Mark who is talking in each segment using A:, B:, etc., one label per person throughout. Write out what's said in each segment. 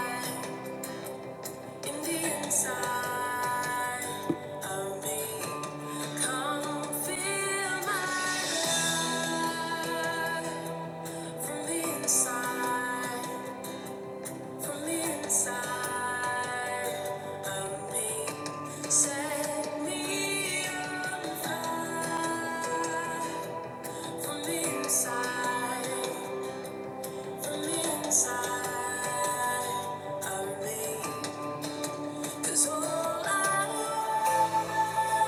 A: Inside From the inside, from the inside of me, set me on fire. From the inside, from the inside of me, 'cause all I want. Thank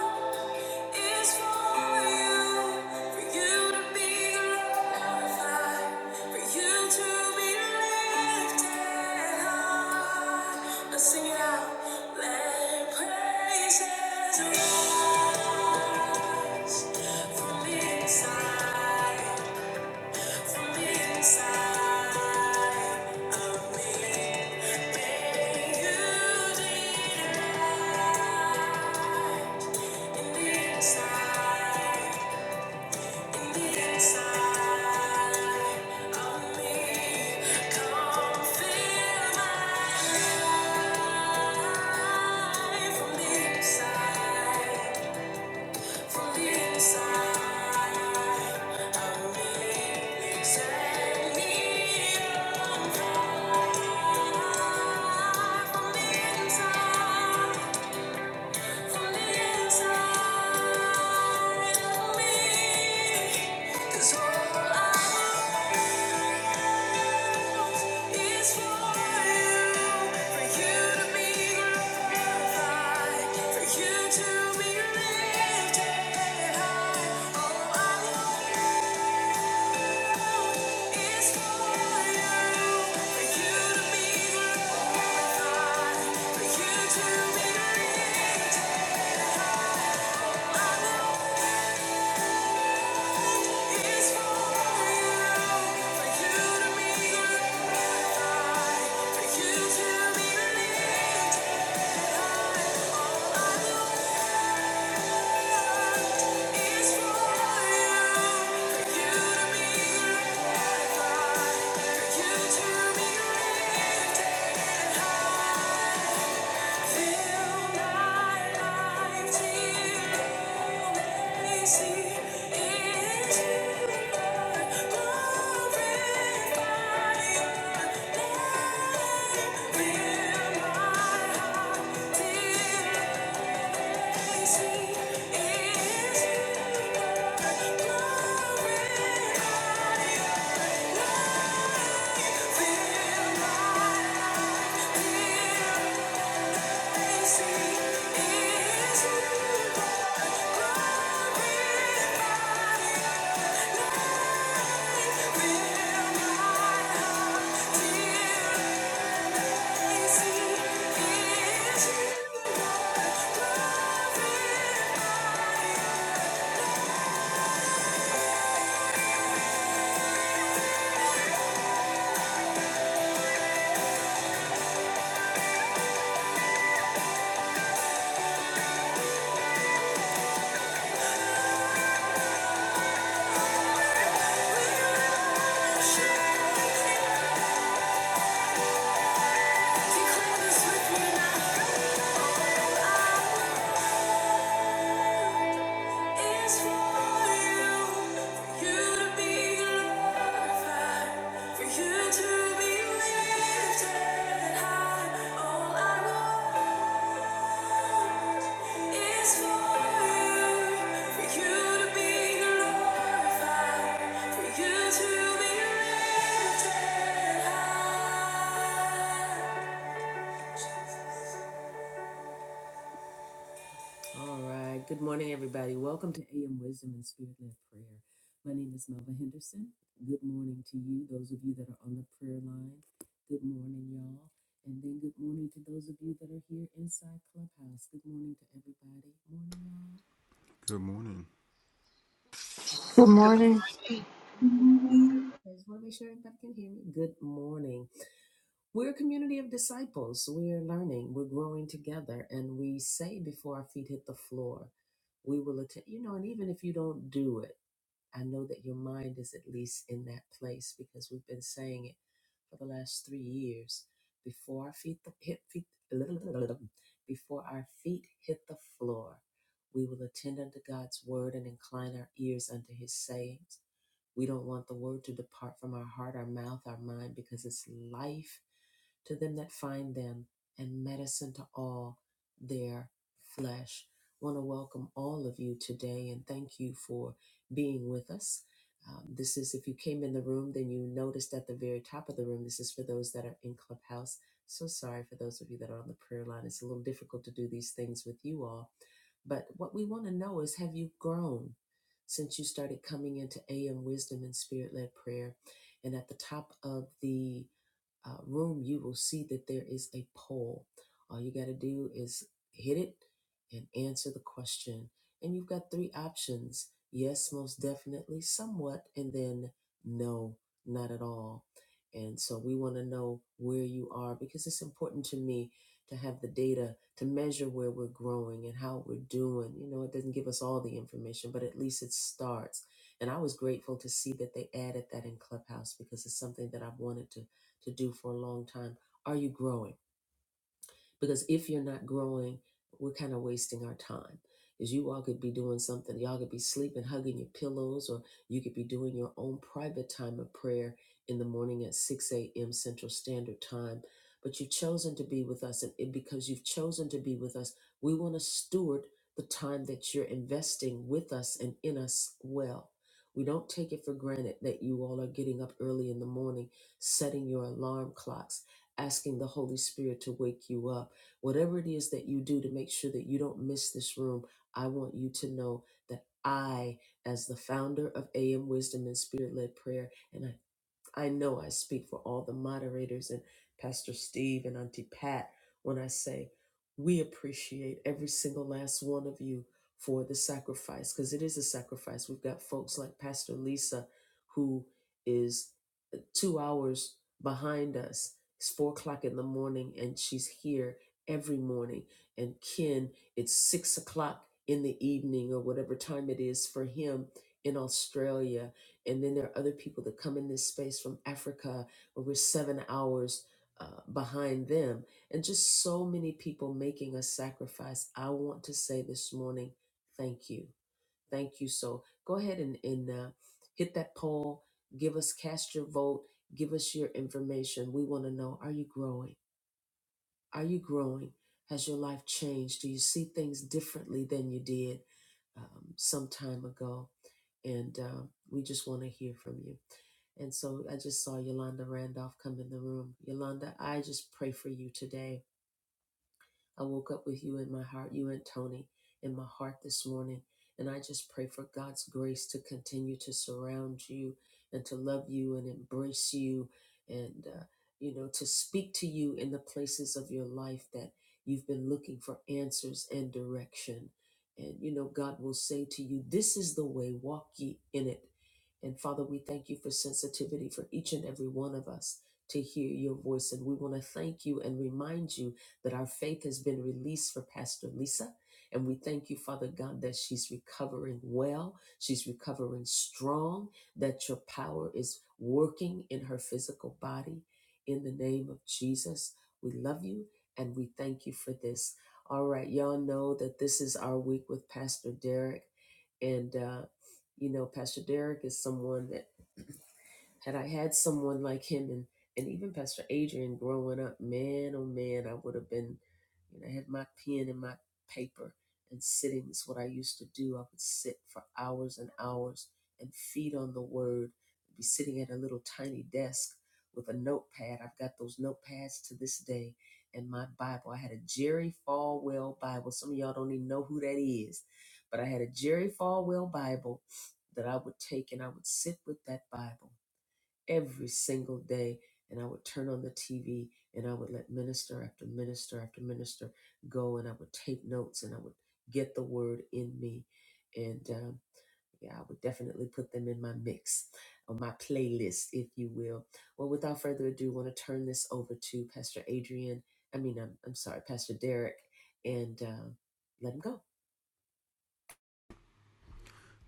A: you it's for you, for you to be glorified, for you to be lifted high. Let's sing it out. Let praises rise from inside. Inside. From Inside. Thank you Thank you Feel my life, Yeah. Share, declare this with me now. Oh, I It's for you, for you to be glorified, for you to be lifted high. All I want is for you, for you to be glorified, for you to be lifted high.
B: Good morning.
C: Good
D: Good
C: morning.
D: morning.
E: morning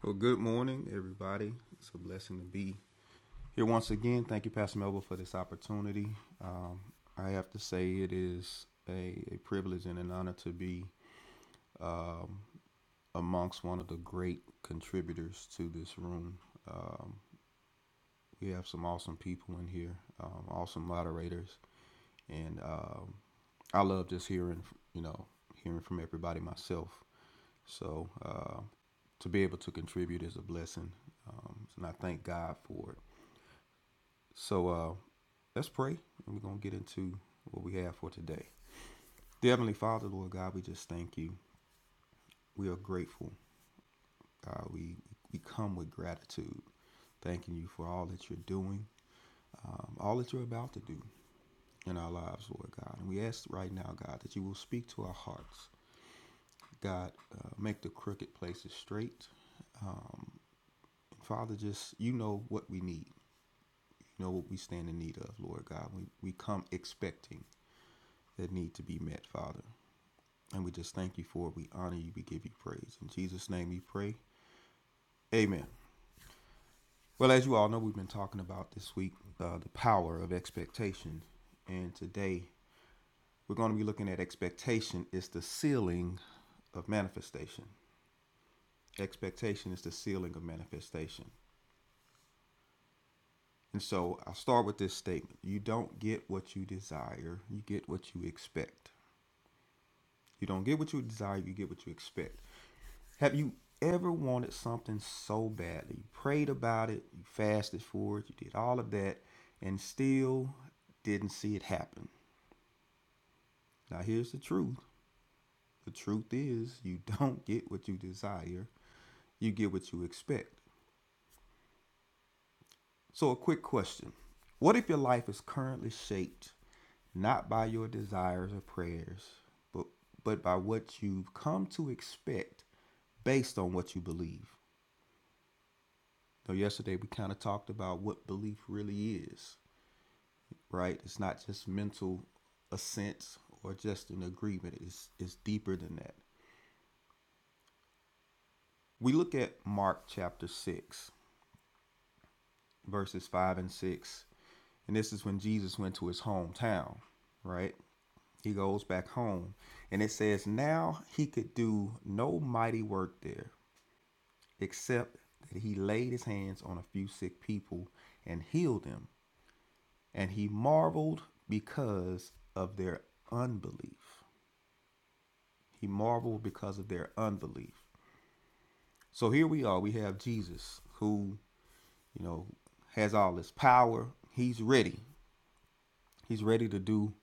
B: Well, good morning, everybody. It's a blessing to be here once again. Thank you, Pastor Melba, for this opportunity. Um, I have to say, it is a, a privilege and an honor to be um, amongst one of the great contributors to this room. Um, we have some awesome people in here, um, awesome moderators, and um, I love just hearing, you know, hearing from everybody myself. So uh, to be able to contribute is a blessing, um, and I thank God for it. So uh, let's pray, and we're gonna get into what we have for today. Dear Heavenly Father, Lord God, we just thank you. We are grateful. God, we we come with gratitude, thanking you for all that you're doing, um, all that you're about to do in our lives, Lord God. And we ask right now, God, that you will speak to our hearts. God, uh, make the crooked places straight. Um, Father, just you know what we need. know what we stand in need of, Lord God. We, we come expecting that need to be met, Father. And we just thank you for it. We honor you. We give you praise. In Jesus' name we pray. Amen. Well, as you all know, we've been talking about this week uh, the power of expectation. And today we're going to be looking at expectation is the sealing of manifestation. Expectation is the sealing of manifestation. And so I'll start with this statement You don't get what you desire, you get what you expect. You don't get what you desire, you get what you expect. Have you ever wanted something so badly? You prayed about it, you fasted for it, you did all of that, and still didn't see it happen. Now, here's the truth the truth is, you don't get what you desire, you get what you expect. So, a quick question What if your life is currently shaped not by your desires or prayers, but, but by what you've come to expect based on what you believe? So, yesterday we kind of talked about what belief really is, right? It's not just mental assent or just an agreement, it's, it's deeper than that. We look at Mark chapter 6, verses 5 and 6. And this is when Jesus went to his hometown, right? He goes back home. And it says, Now he could do no mighty work there, except that he laid his hands on a few sick people and healed them. And he marveled because of their unbelief. He marveled because of their unbelief. So here we are. We have Jesus who, you know, has all this power. He's ready. He's ready to do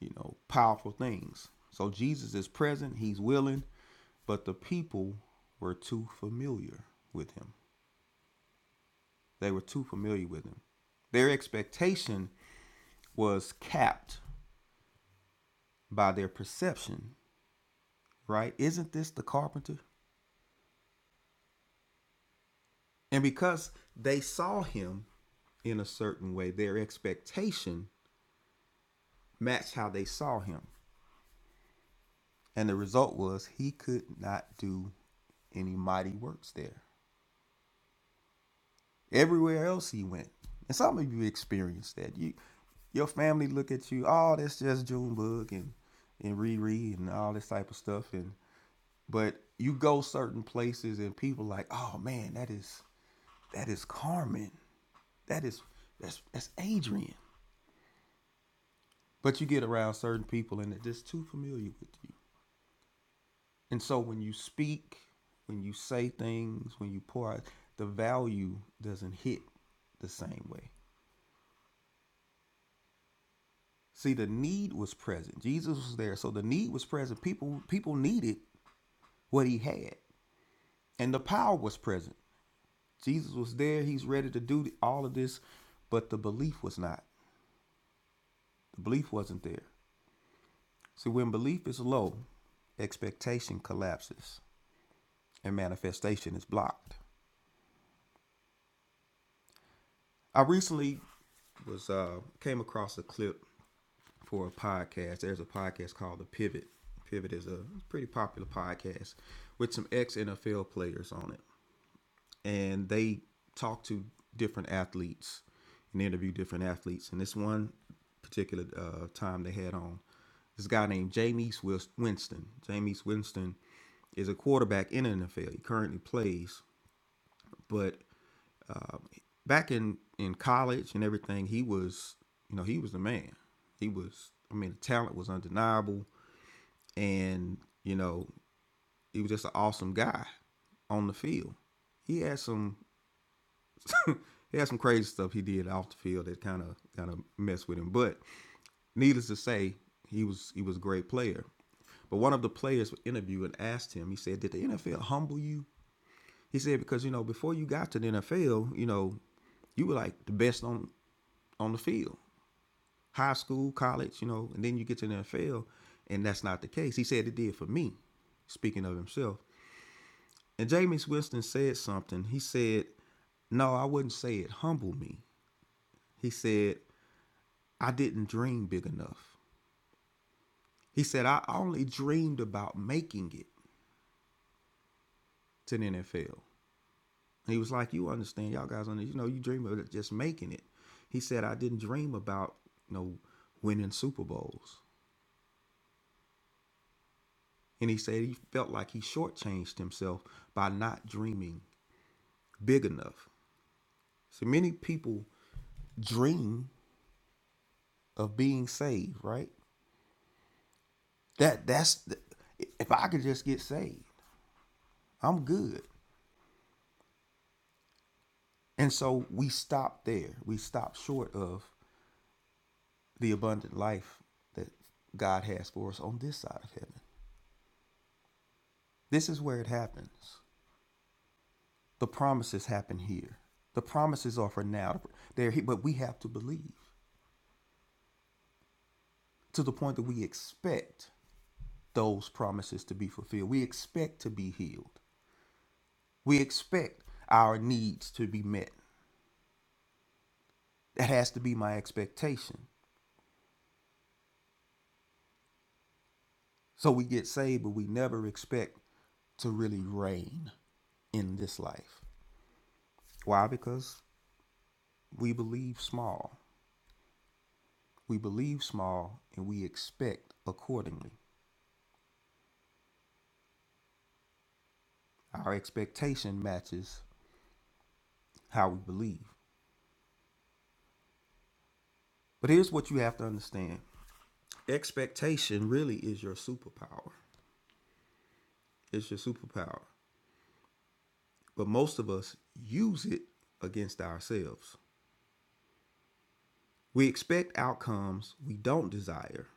B: you know, powerful things. So Jesus is present, he's willing, but the people were too familiar with him. They were too familiar with him. Their expectation was capped by their perception, right? Isn't this the carpenter? And because they saw him in a certain way, their expectation matched how they saw him. And the result was he could not do any mighty works there. everywhere else he went. And some of you experienced that. You, your family look at you. Oh, that's just Junebug and and Riri and all this type of stuff. And but you go certain places and people like, oh man, that is that is Carmen. That is that's that's Adrian. But you get around certain people and they're just too familiar with you. And so when you speak, when you say things, when you pour out, the value doesn't hit the same way. See, the need was present. Jesus was there, so the need was present. People people needed what he had, and the power was present. Jesus was there. He's ready to do all of this, but the belief was not. The belief wasn't there. See, when belief is low, expectation collapses and manifestation is blocked. I recently was uh, came across a clip for a podcast. There's a podcast called The Pivot. Pivot is a pretty popular podcast with some ex NFL players on it. and they talk to different athletes and interview different athletes. And this one particular uh, time they had on this guy named Jameis Winston. Jameis Winston is a quarterback in the NFL. He currently plays, but back in in college and everything, he was you know he was the man. He was I mean the talent was undeniable, and you know he was just an awesome guy on the field. He had some he had some crazy stuff he did off the field that kind of kind of messed with him. But needless to say, he was he was a great player. But one of the players interviewed and asked him. He said, "Did the NFL humble you?" He said, "Because you know, before you got to the NFL, you know, you were like the best on on the field, high school, college, you know, and then you get to the NFL, and that's not the case." He said, "It did for me." Speaking of himself, and Jameis Winston said something. He said, "No, I wouldn't say it humbled me." He said, I didn't dream big enough. He said, I only dreamed about making it to the NFL. He was like, You understand, y'all guys, on this, you know, you dream of just making it. He said, I didn't dream about, you know, winning Super Bowls. And he said he felt like he shortchanged himself by not dreaming big enough. So many people dream of being saved, right? That that's the, if I could just get saved, I'm good. And so we stop there. We stop short of the abundant life that God has for us on this side of heaven. This is where it happens. The promises happen here. The promises are for now. They're here, but we have to believe to the point that we expect those promises to be fulfilled. We expect to be healed. We expect our needs to be met. That has to be my expectation. So we get saved, but we never expect to really reign in this life. Why? Because we believe small. We believe small and we expect accordingly. Our expectation matches how we believe. But here's what you have to understand expectation really is your superpower. It's your superpower. But most of us use it against ourselves. We expect outcomes we don't desire.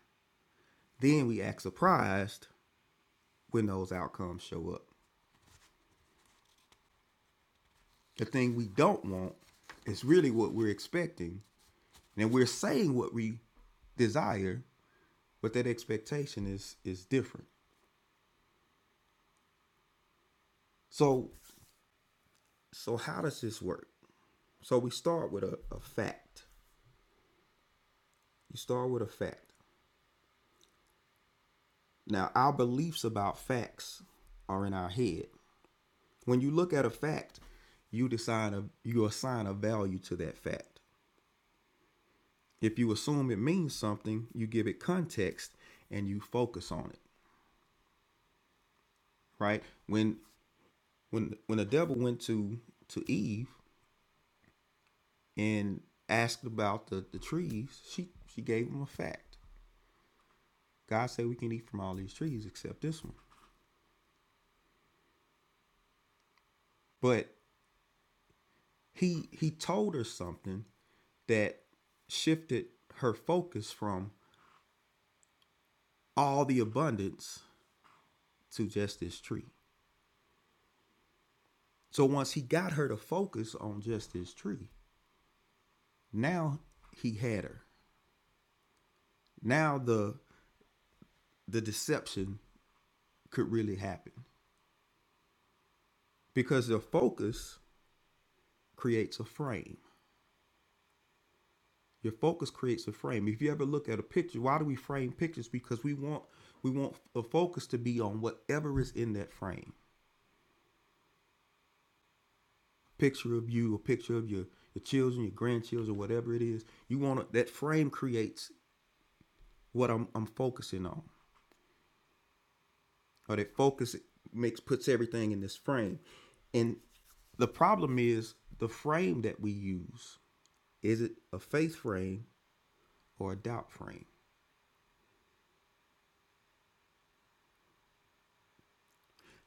B: Then we act surprised when those outcomes show up. The thing we don't want is really what we're expecting. And we're saying what we desire, but that expectation is is different. So so how does this work? So we start with a, a fact. You start with a fact. Now our beliefs about facts are in our head. When you look at a fact, you decide a, you assign a value to that fact. If you assume it means something, you give it context and you focus on it, right? When when when the devil went to to Eve and asked about the the trees, she she gave him a fact. God said we can eat from all these trees except this one. But he he told her something that shifted her focus from all the abundance to just this tree. So once he got her to focus on just this tree, now he had her. Now the the deception could really happen because the focus creates a frame Your focus creates a frame. If you ever look at a picture, why do we frame pictures? Because we want we want the focus to be on whatever is in that frame. Picture of you, a picture of your your children, your grandchildren, whatever it is. You want that frame creates what I'm I'm focusing on, or that focus makes puts everything in this frame. And the problem is the frame that we use. Is it a faith frame or a doubt frame?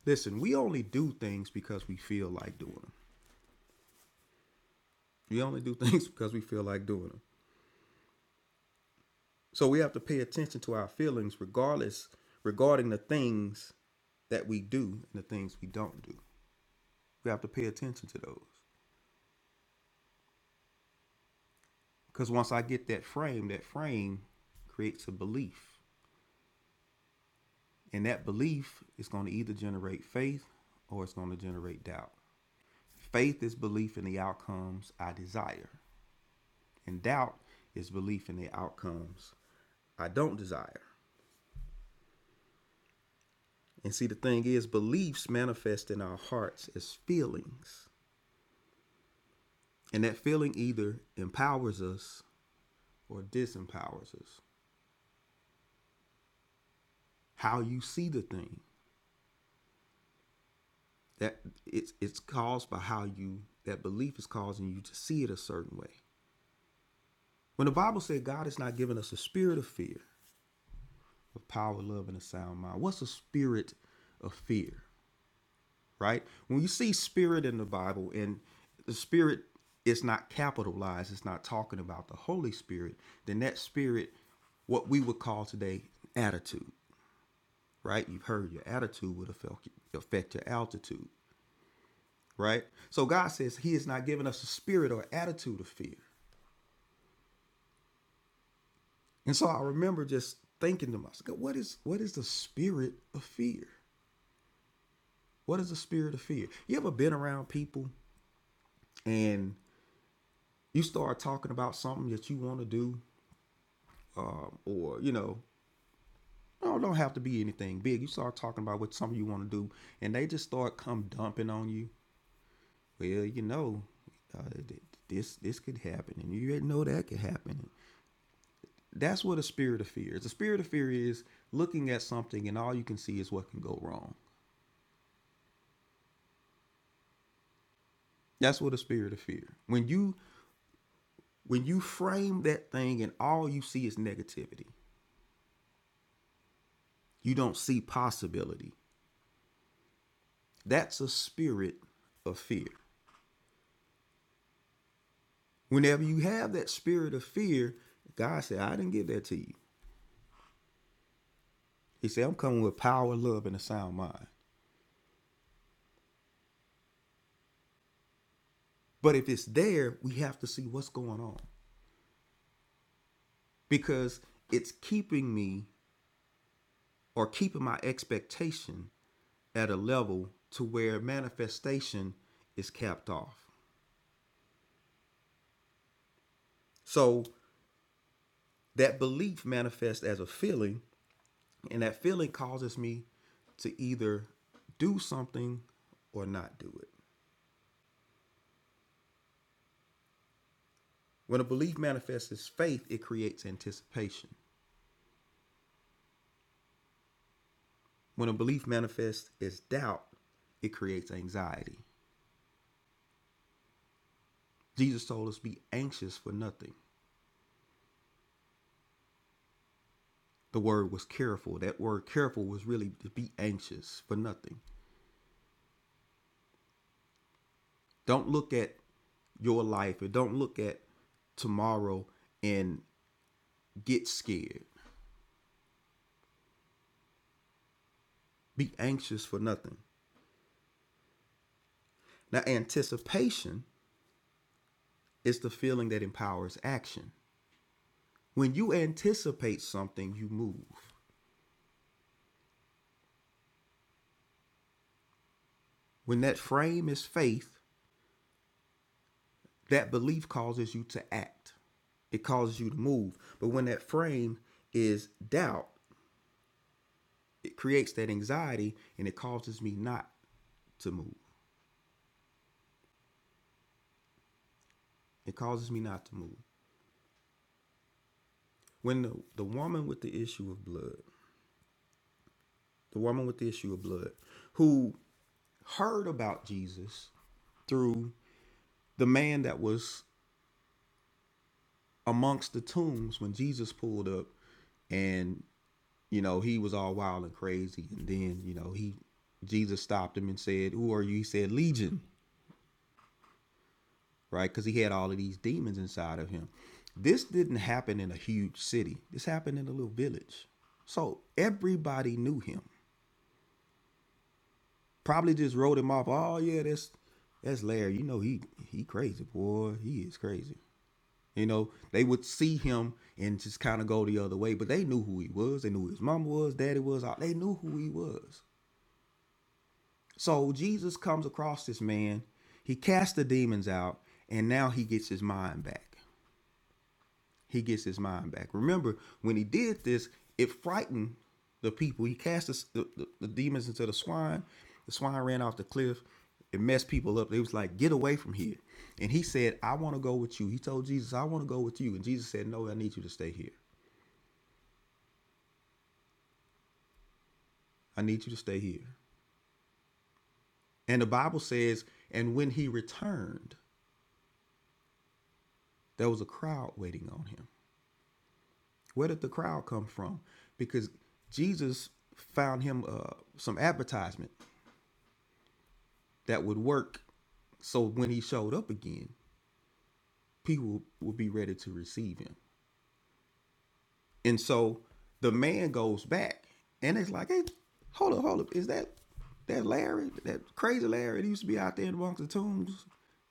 B: Listen, we only do things because we feel like doing them. We only do things because we feel like doing them. So we have to pay attention to our feelings regardless regarding the things that we do and the things we don't do. We have to pay attention to those. Because once I get that frame, that frame creates a belief. And that belief is going to either generate faith or it's going to generate doubt. Faith is belief in the outcomes I desire, and doubt is belief in the outcomes I don't desire. And see, the thing is, beliefs manifest in our hearts as feelings. And that feeling either empowers us or disempowers us. How you see the thing, that it's it's caused by how you that belief is causing you to see it a certain way. When the Bible said God has not given us a spirit of fear, of power, love, and a sound mind, what's a spirit of fear? right? When you see spirit in the Bible and the spirit is not capitalized, it's not talking about the Holy Spirit, then that spirit, what we would call today attitude, right? You've heard your attitude would affect, affect your altitude, right? So God says He has not given us a spirit or attitude of fear. And so I remember just thinking to myself, what is what is the spirit of fear? What is the spirit of fear? You ever been around people and you start talking about something that you want to do um, or you know, no, don't have to be anything big. You start talking about what something you want to do, and they just start come dumping on you. Well, you know, uh, this this could happen, and you know that could happen. That's what a spirit of fear is. The spirit of fear is looking at something, and all you can see is what can go wrong. That's what a spirit of fear. When you when you frame that thing, and all you see is negativity, you don't see possibility. That's a spirit of fear. Whenever you have that spirit of fear, God said, I didn't give that to you. He said, I'm coming with power, love, and a sound mind. But if it's there, we have to see what's going on because it's keeping me or keeping my expectation at a level to where manifestation is capped off. So that belief manifests as a feeling, and that feeling causes me to either do something or not do it. When a belief manifests as faith, it creates anticipation. When a belief manifests as doubt, it creates anxiety. Jesus told us, be anxious for nothing. The word was careful. That word careful was really to be anxious for nothing. Don't look at your life or don't look at tomorrow and get scared. Be anxious for nothing. Now, anticipation is the feeling that empowers action. When you anticipate something, you move. When that frame is faith, that belief causes you to act. It causes you to move. But when that frame is doubt, it creates that anxiety and it causes me not to move. It causes me not to move. When the, the woman with the issue of blood, the woman with the issue of blood, who heard about Jesus through the man that was amongst the tombs when Jesus pulled up and You know, he was all wild and crazy, and then you know he Jesus stopped him and said, "Who are you?" He said, "Legion," right? Because he had all of these demons inside of him. This didn't happen in a huge city. This happened in a little village. So everybody knew him. Probably just wrote him off. Oh yeah, that's that's Larry. You know he he crazy boy. He is crazy. You know they would see him and just kind of go the other way, but they knew who he was. They knew who his mama was, daddy was. They knew who he was. So Jesus comes across this man, he casts the demons out, and now he gets his mind back. He gets his mind back. Remember, when he did this, it frightened the people. He cast the, the, the demons into the swine. The swine ran off the cliff. It messed people up. They was like, get away from here. And he said, I want to go with you. He told Jesus, I want to go with you. And Jesus said, No, I need you to stay here. I need you to stay here. And the Bible says, and when he returned, there was a crowd waiting on him. Where did the crowd come from? Because Jesus found him uh, some advertisement that would work so when he showed up again, people would be ready to receive him. And so the man goes back and it's like, hey, hold up, hold up. Is that that Larry, that crazy Larry that used to be out there amongst the tombs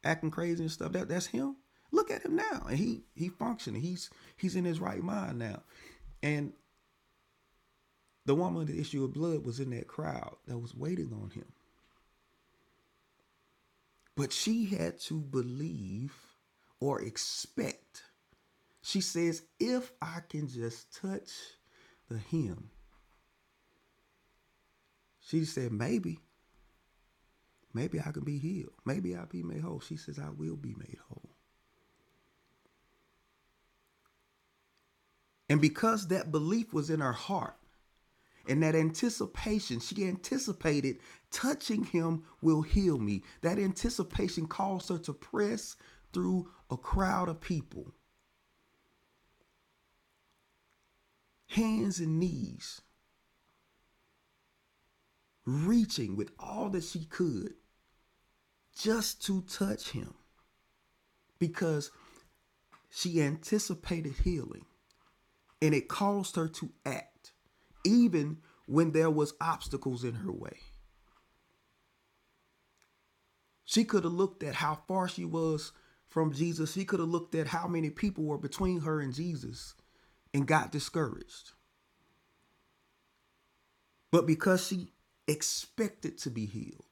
B: acting crazy and stuff? That that's him? Look at him now. And he he functioning. He's he's in his right mind now. and. The woman with the issue of blood was in that crowd that was waiting on him. But she had to believe or expect. She says, if I can just touch the hem, she said, maybe, maybe I can be healed. Maybe I'll be made whole. She says, I will be made whole. And because that belief was in her heart and that anticipation, she anticipated touching him will heal me. That anticipation caused her to press through a crowd of people hands and knees, reaching with all that she could just to touch him because she anticipated healing and it caused her to act even when there was obstacles in her way. She could have looked at how far she was from Jesus. She could have looked at how many people were between her and Jesus and got discouraged. But because she expected to be healed,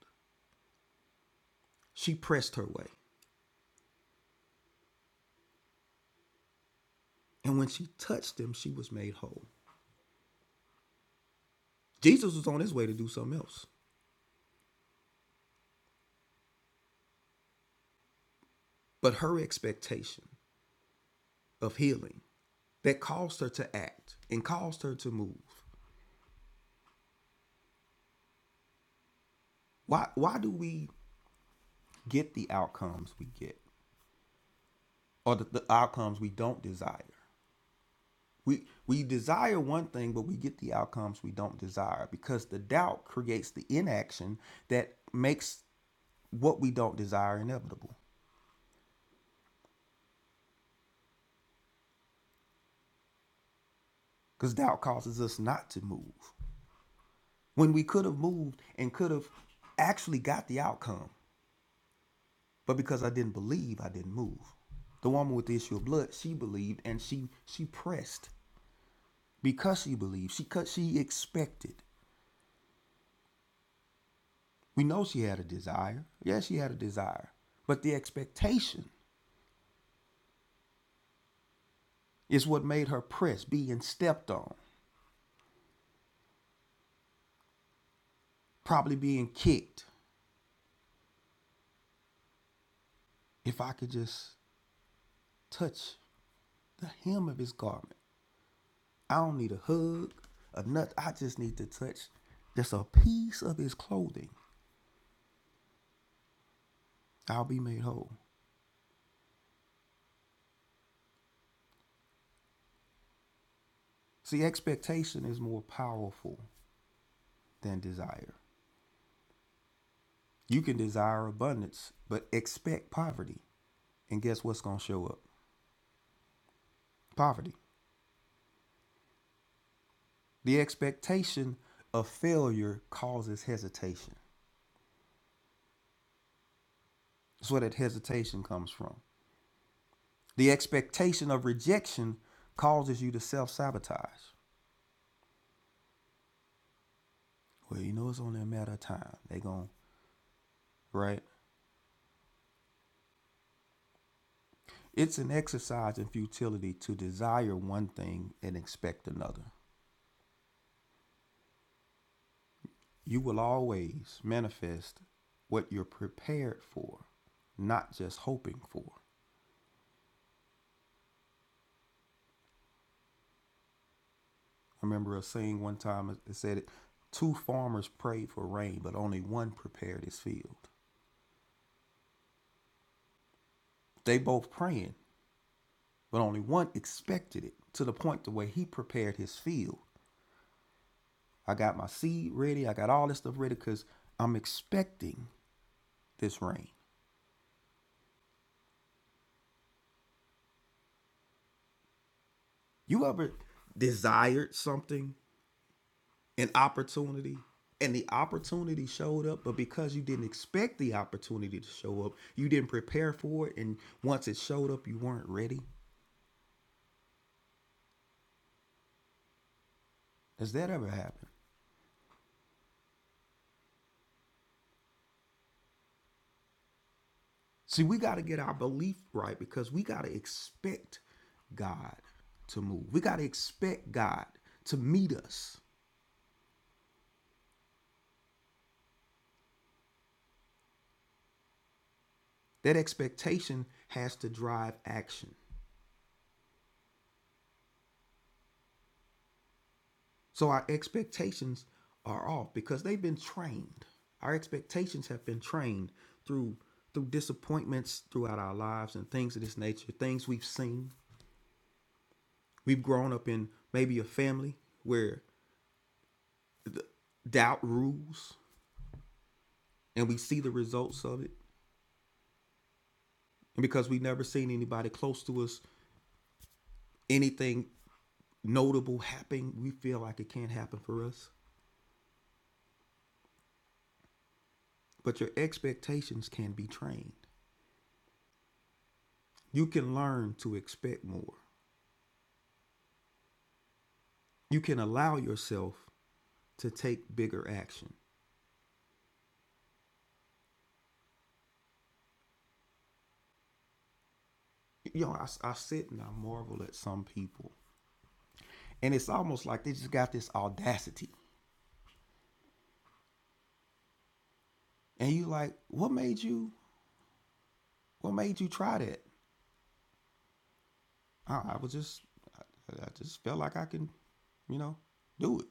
B: she pressed her way. And when she touched him, she was made whole. Jesus was on his way to do something else. But her expectation of healing that caused her to act and caused her to move. Why why do we get the outcomes we get or the, the outcomes we don't desire? We we desire one thing but we get the outcomes we don't desire because the doubt creates the inaction that makes what we don't desire inevitable. Cuz doubt causes us not to move when we could have moved and could have actually got the outcome But because I didn't believe, I didn't move. The woman with the issue of blood, she believed and she she pressed because she believed. She cut she expected. We know she had a desire. Yes, she had a desire. But the expectation is what made her press, being stepped on, probably being kicked. If I could just touch the hem of his garment. I don't need a hug, a nut. I just need to touch just a piece of his clothing. I'll be made whole. See, expectation is more powerful than desire. You can desire abundance, but expect poverty. And guess what's going to show up? Poverty. The expectation of failure causes hesitation. That's where that hesitation comes from. The expectation of rejection causes you to self sabotage. Well, you know, it's only a matter of time. They going, to right? It's an exercise in futility to desire one thing and expect another. You will always manifest what you're prepared for, not just hoping for. I remember a saying one time it- said it two farmers prayed for rain, but only one prepared his field. They both praying, but only one expected it to the point to where he prepared his field. I got my seed ready, I got all this stuff ready because I'm expecting this rain. You ever desired something an opportunity and the opportunity showed up but because you didn't expect the opportunity to show up you didn't prepare for it and once it showed up you weren't ready has that ever happened see we got to get our belief right because we got to expect god to move we got to expect god to meet us that expectation has to drive action So our expectations are off because they've been trained. Our expectations have been trained through through disappointments throughout our lives and things of this nature, things we've seen. We've grown up in maybe a family where doubt rules and we see the results of it. And because we've never seen anybody close to us, anything notable happen, we feel like it can't happen for us. But your expectations can be trained. You can learn to expect more. you can allow yourself to take bigger action. You know, I, I sit and I marvel at some people, and it's almost like they just got this audacity. And you like, what made you? What made you try that? I, I was just, I, I just felt like I can, you know, do it.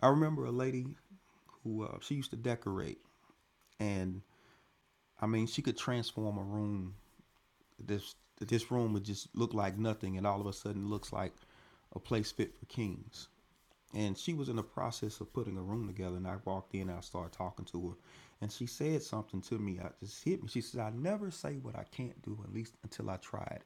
B: I remember a lady who uh, she used to decorate, and I mean, she could transform a room. This this room would just look like nothing, and all of a sudden, looks like a place fit for kings. And she was in the process of putting a room together, and I walked in. and I started talking to her, and she said something to me. I just hit me. She said, "I never say what I can't do, at least until I try it."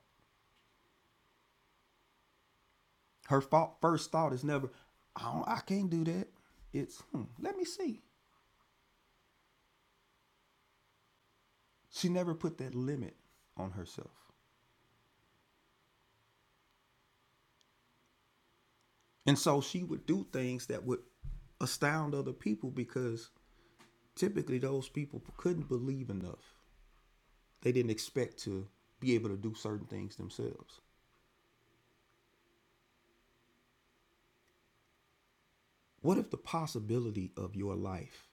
B: Her thought, first thought is never, "I don't, I can't do that." It's, hmm, "Let me see." She never put that limit on herself, and so she would do things that would astound other people because typically those people couldn't believe enough. They didn't expect to be able to do certain things themselves. What if the possibility of your life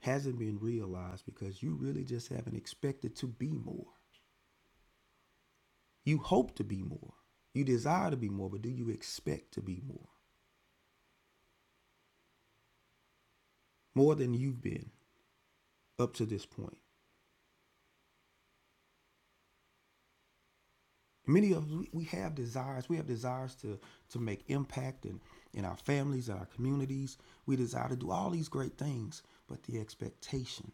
B: hasn't been realized because you really just haven't expected to be more? You hope to be more. You desire to be more, but do you expect to be more? More than you've been up to this point. Many of us, we have desires. We have desires to, to make impact in, in our families, in our communities. We desire to do all these great things, but the expectation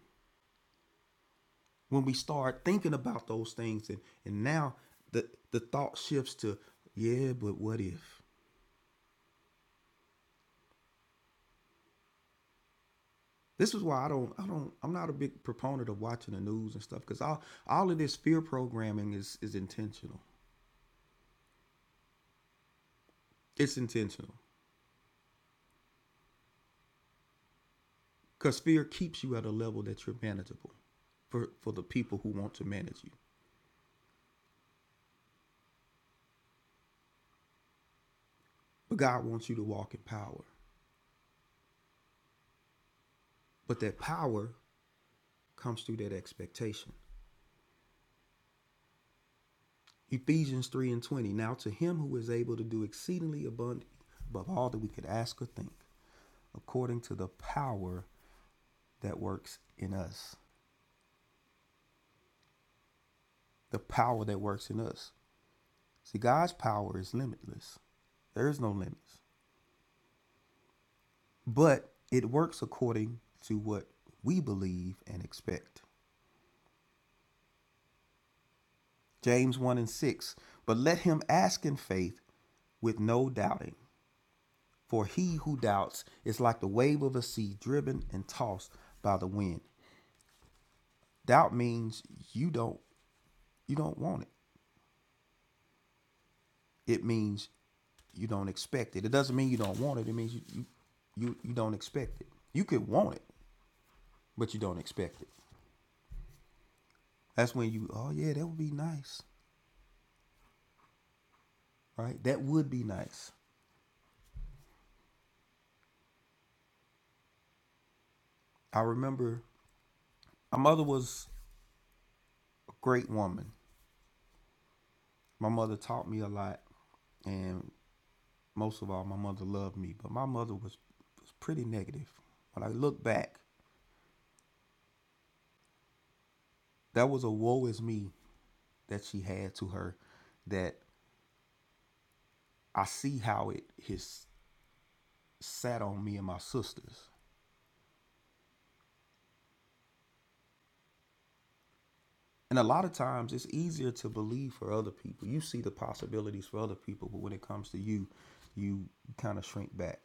B: when we start thinking about those things and and now the the thought shifts to yeah but what if This is why I don't, I don't, I'm not a big proponent of watching the news and stuff because all, all of this fear programming is is intentional. It's intentional because fear keeps you at a level that you're manageable for for the people who want to manage you. But God wants you to walk in power. But that power comes through that expectation. Ephesians three and twenty. Now to him who is able to do exceedingly abundantly above all that we could ask or think, according to the power that works in us. The power that works in us. See, God's power is limitless. There is no limits. But it works according to what we believe and expect. James 1 and 6. But let him ask in faith with no doubting. For he who doubts is like the wave of a sea driven and tossed by the wind. Doubt means you don't you don't want it. It means you don't expect it. It doesn't mean you don't want it. It means you you, you, you don't expect it. You could want it, but you don't expect it. That's when you, oh yeah, that would be nice, right? That would be nice. I remember my mother was a great woman. My mother taught me a lot, and most of all, my mother loved me. But my mother was was pretty negative. When I look back, that was a woe is me that she had to her. That I see how it has sat on me and my sisters And a lot of times it's easier to believe for other people. You see the possibilities for other people, but when it comes to you, you kind of shrink back.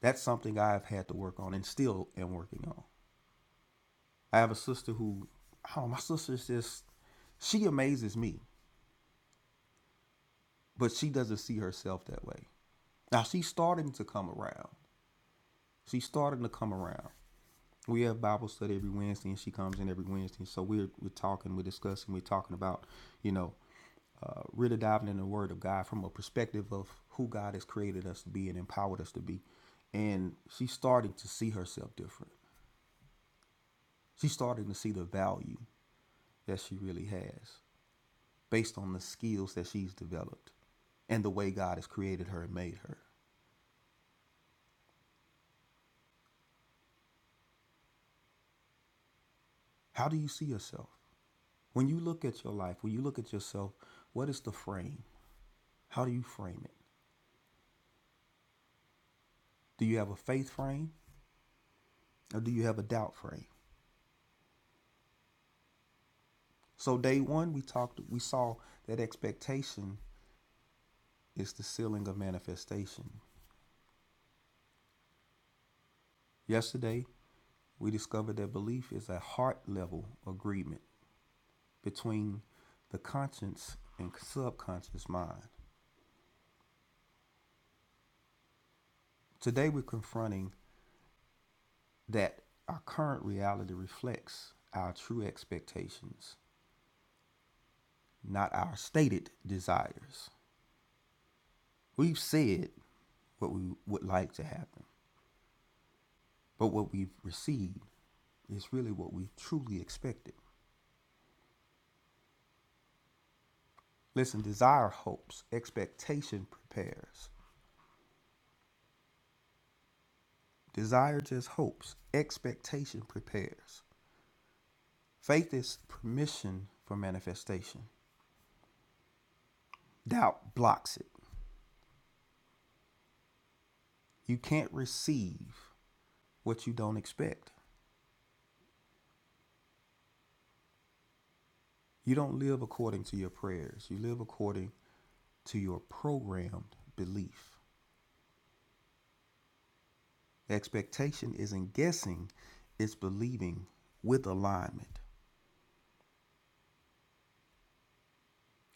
B: That's something I've had to work on and still am working on. I have a sister who, oh, my sister's just, she amazes me, but she doesn't see herself that way. Now she's starting to come around. She's starting to come around. we have Bible study every Wednesday, and she comes in every Wednesday. So we're we're talking, we're discussing, we're talking about, you know, uh, really diving in the Word of God from a perspective of who God has created us to be and empowered us to be. And she's starting to see herself different. She's starting to see the value that she really has based on the skills that she's developed and the way God has created her and made her. How do you see yourself? When you look at your life, when you look at yourself, what is the frame? How do you frame it? Do you have a faith frame or do you have a doubt frame? So day one, we talked, we saw that expectation is the ceiling of manifestation. Yesterday, we discovered that belief is a heart level agreement between the conscious and subconscious mind. Today, we're confronting that our current reality reflects our true expectations, not our stated desires. We've said what we would like to happen, but what we've received is really what we truly expected. Listen, desire hopes, expectation prepares. Desire just hopes, expectation prepares. Faith is permission for manifestation. Doubt blocks it. You can't receive what you don't expect. You don't live according to your prayers, you live according to your programmed belief. Expectation isn't guessing, it's believing with alignment.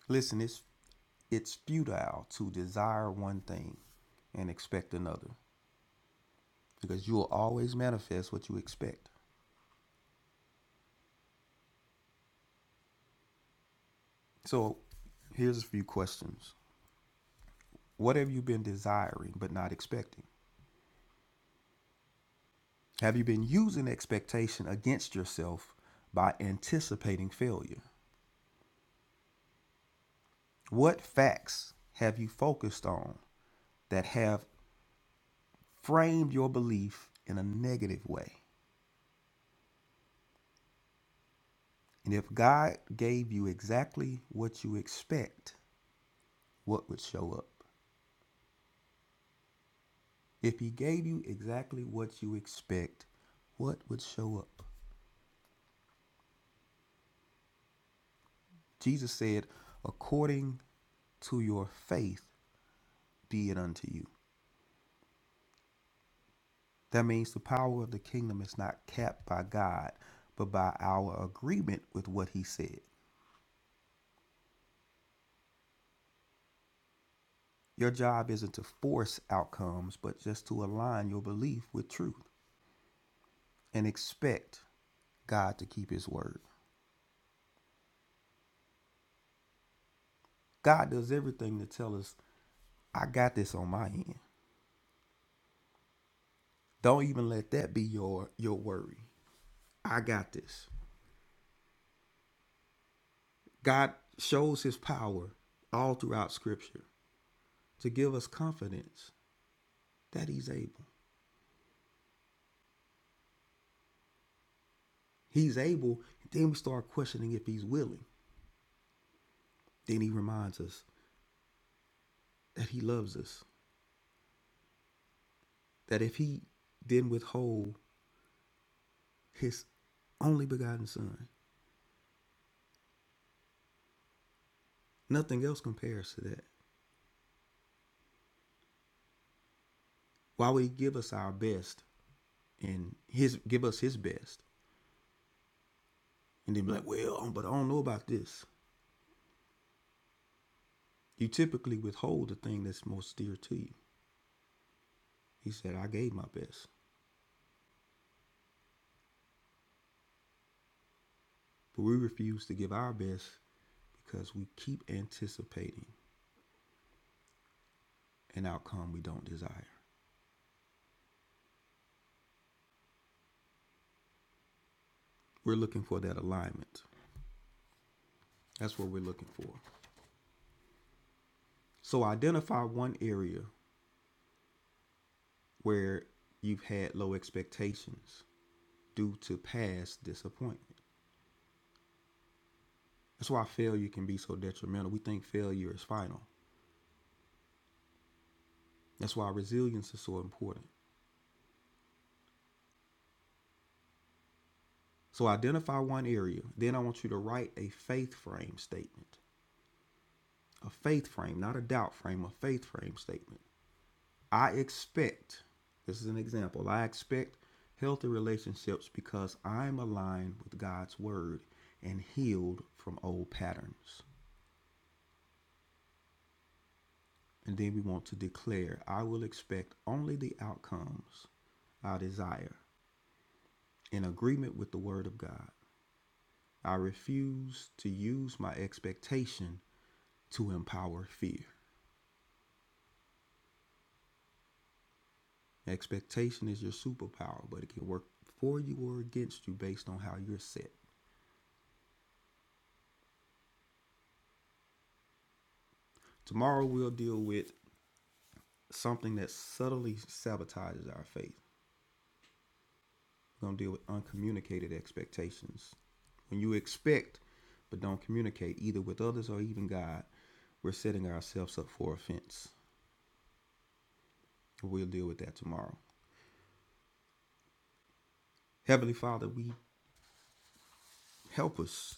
B: Listen, it's it's futile to desire one thing and expect another because you will always manifest what you expect. So, here's a few questions. What have you been desiring but not expecting? Have you been using expectation against yourself by anticipating failure? What facts have you focused on that have framed your belief in a negative way? And if God gave you exactly what you expect, what would show up? If he gave you exactly what you expect, what would show up? Jesus said, according to your faith be it unto you. That means the power of the kingdom is not capped by God, but by our agreement with what he said. Your job isn't to force outcomes, but just to align your belief with truth and expect God to keep his word. God does everything to tell us, I got this on my end. Don't even let that be your your worry. I got this. God shows his power all throughout scripture to give us confidence that he's able. He's able, then we start questioning if he's willing. Then he reminds us that he loves us, that if he didn't withhold his only begotten son, nothing else compares to that. Why would he give us our best and his give us his best and then be like, well, but I don't know about this. You typically withhold the thing that's most dear to you. He said, I gave my best. But we refuse to give our best because we keep anticipating an outcome we don't desire. We're looking for that alignment. That's what we're looking for. So identify one area where you've had low expectations due to past disappointment. That's why failure can be so detrimental. We think failure is final. That's why resilience is so important. So identify one area. Then I want you to write a faith frame statement. A faith frame, not a doubt frame, a faith frame statement. I expect, this is an example, I expect healthy relationships because I'm aligned with God's word and healed from old patterns. And then we want to declare, I will expect only the outcomes I desire in agreement with the word of God. I refuse to use my expectation to empower fear. Expectation is your superpower, but it can work for you or against you based on how you're set. Tomorrow, we'll deal with something that subtly sabotages our faith. We're going to deal with uncommunicated expectations. When you expect but don't communicate either with others or even God, we're setting ourselves up for offense. We'll deal with that tomorrow. Heavenly Father, we help us.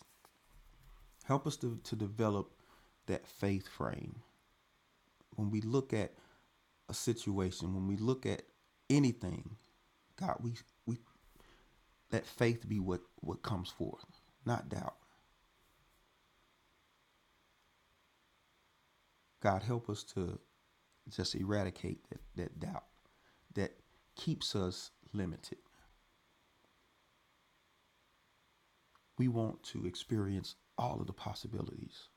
B: Help us to, to develop that faith frame when we look at a situation, when we look at anything, God, we we let faith be what what comes forth, not doubt. God, help us to just eradicate that, that doubt that keeps us limited. We want to experience all of the possibilities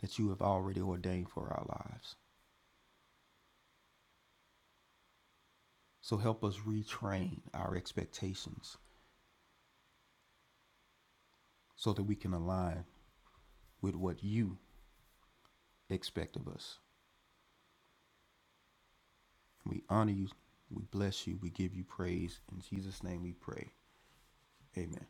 B: that you have already ordained for our lives. So help us retrain our expectations so that we can align with what you expect of us. We honor you. We bless you. We give you praise. In Jesus' name we pray. Amen.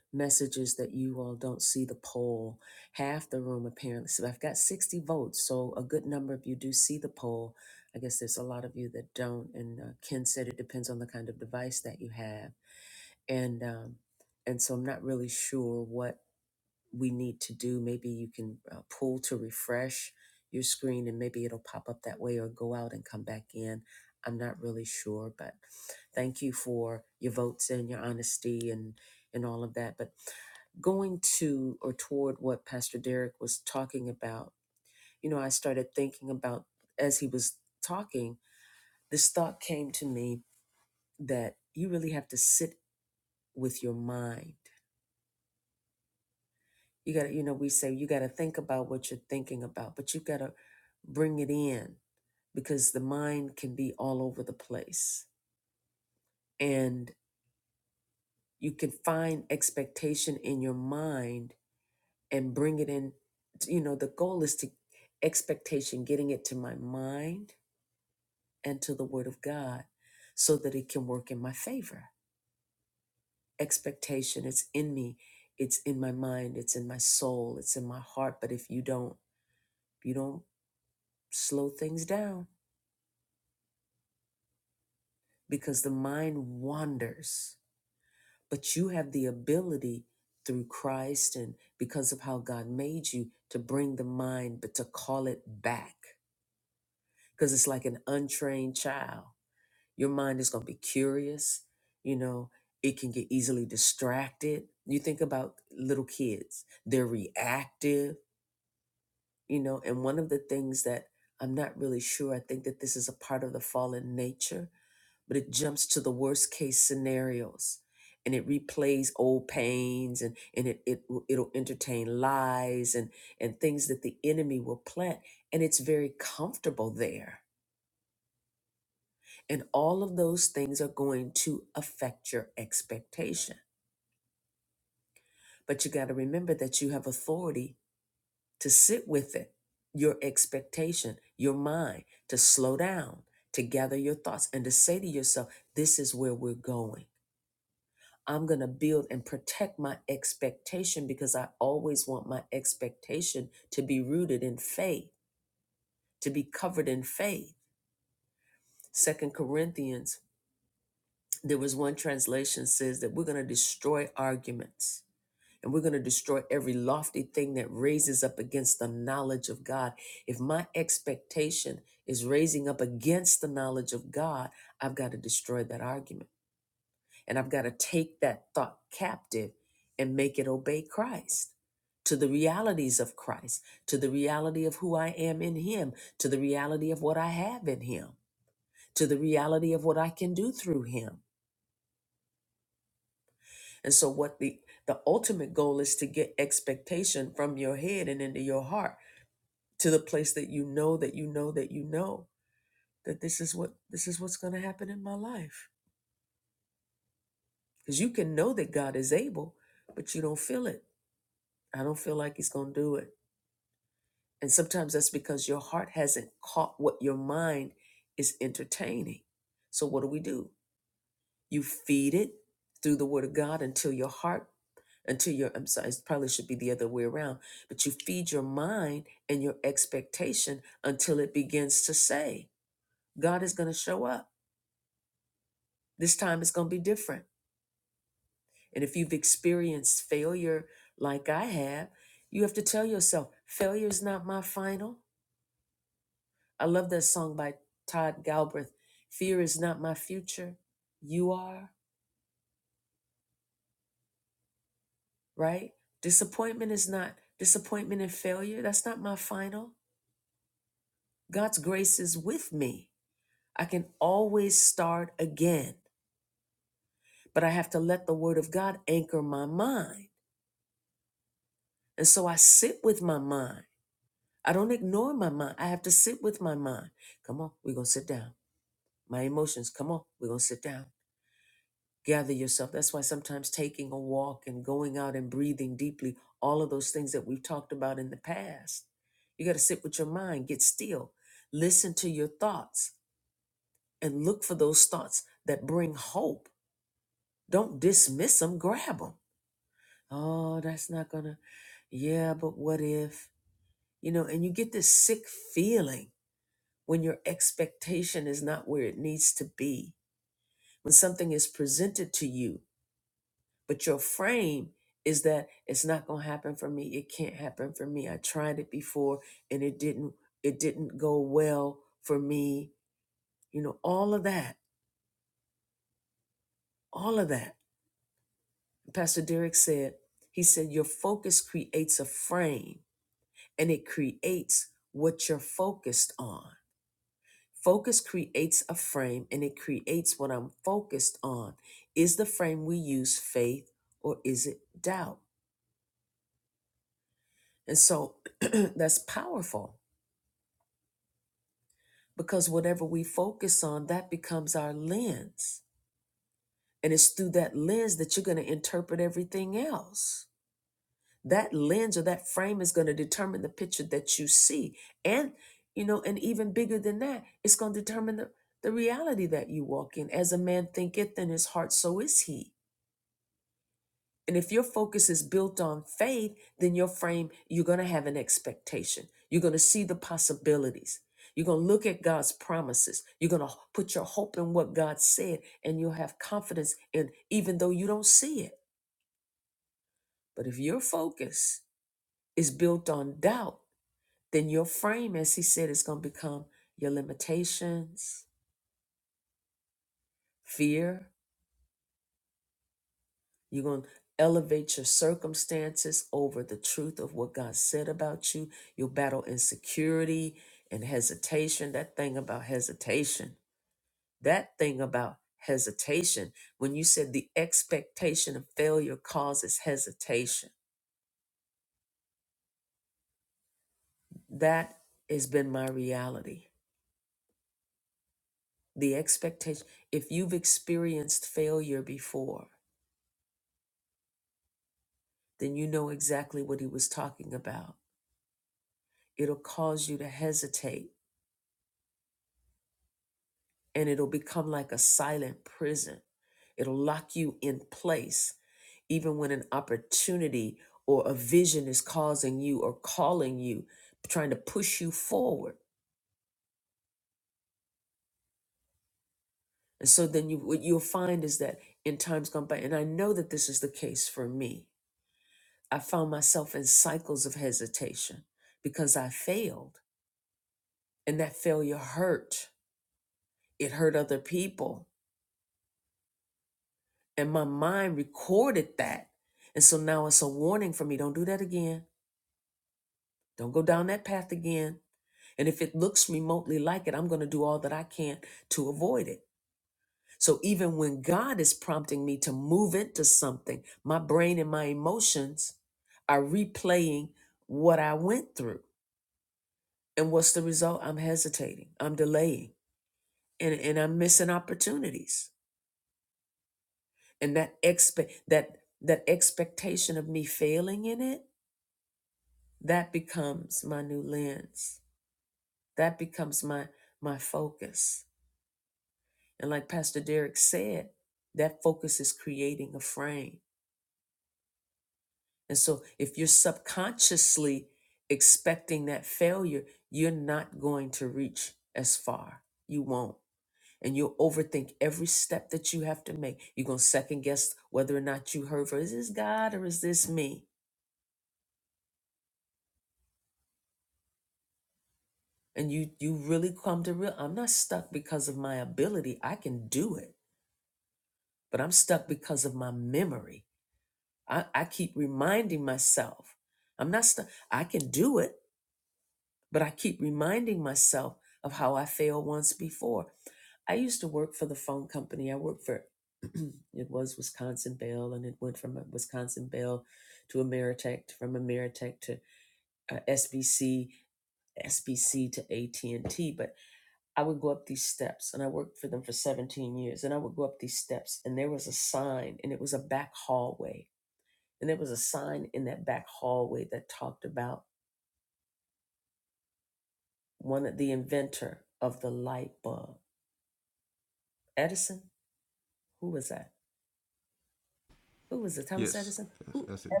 B: Yes, yes that's him.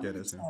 B: Yeah, that's him.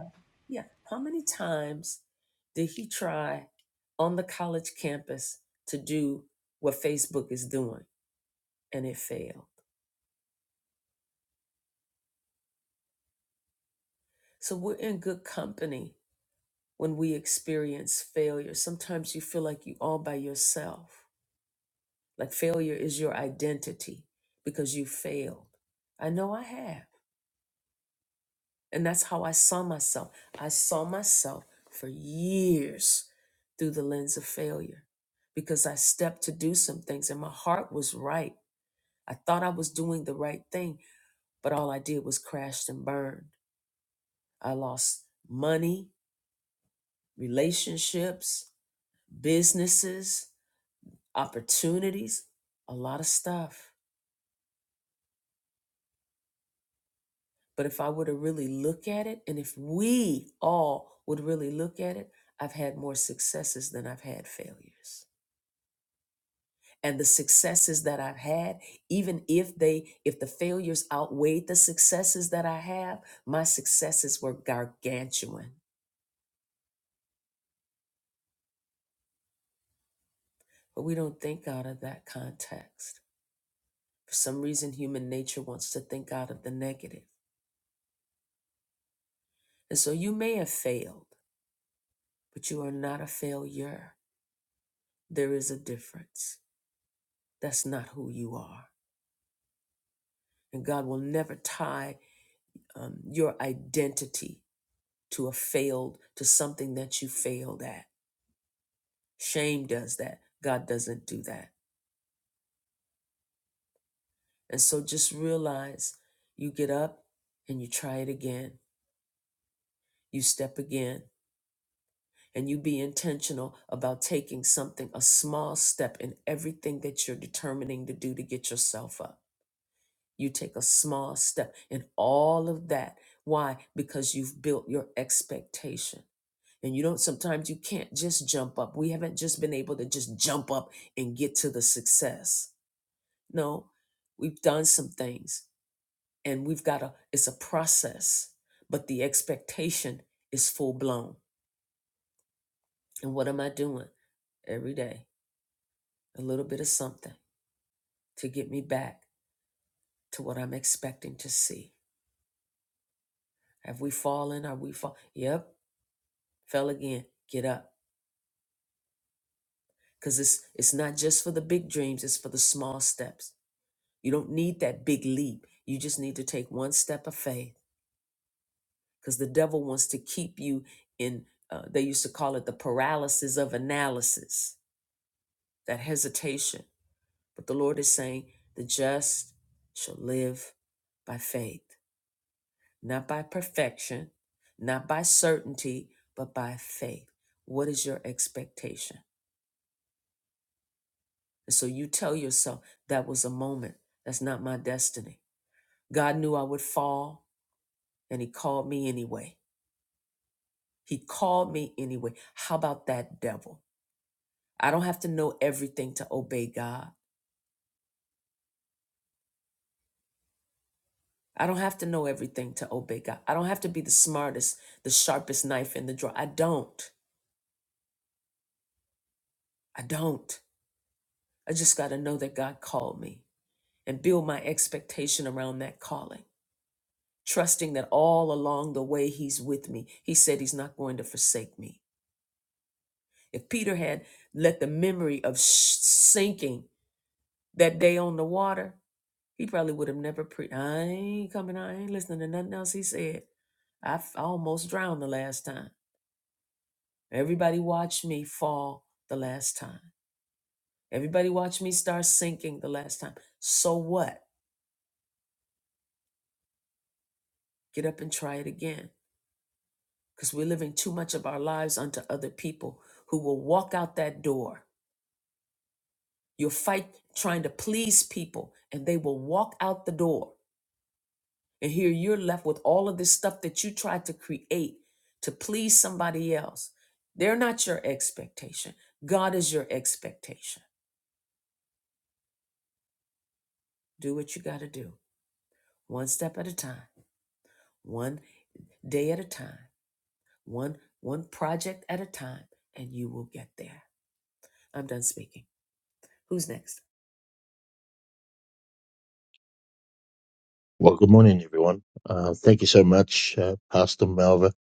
F: Well, good morning, everyone. Uh, thank you so much, uh, Pastor Malva,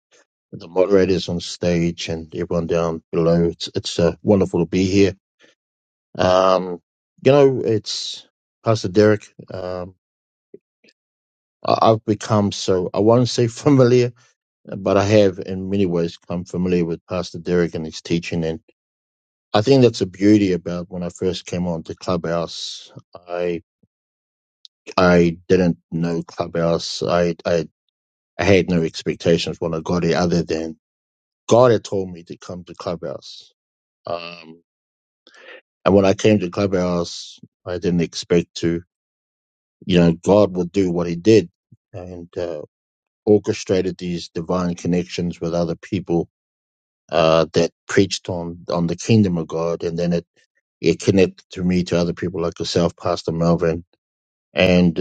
F: the moderators on stage, and everyone down below. It's it's uh, wonderful to be here. Um, you know, it's Pastor Derek. Um, I, I've become so I won't say familiar, but I have in many ways come familiar with Pastor Derek and his teaching, and I think that's the beauty about when I first came on to Clubhouse. I I didn't know Clubhouse. I I, I had no expectations when I got it, other than God had told me to come to Clubhouse. Um, and when I came to Clubhouse, I didn't expect to. You know, God would do what He did and uh, orchestrated these divine connections with other people uh, that preached on on the kingdom of God, and then it it connected to me to other people like yourself, Pastor Melvin. And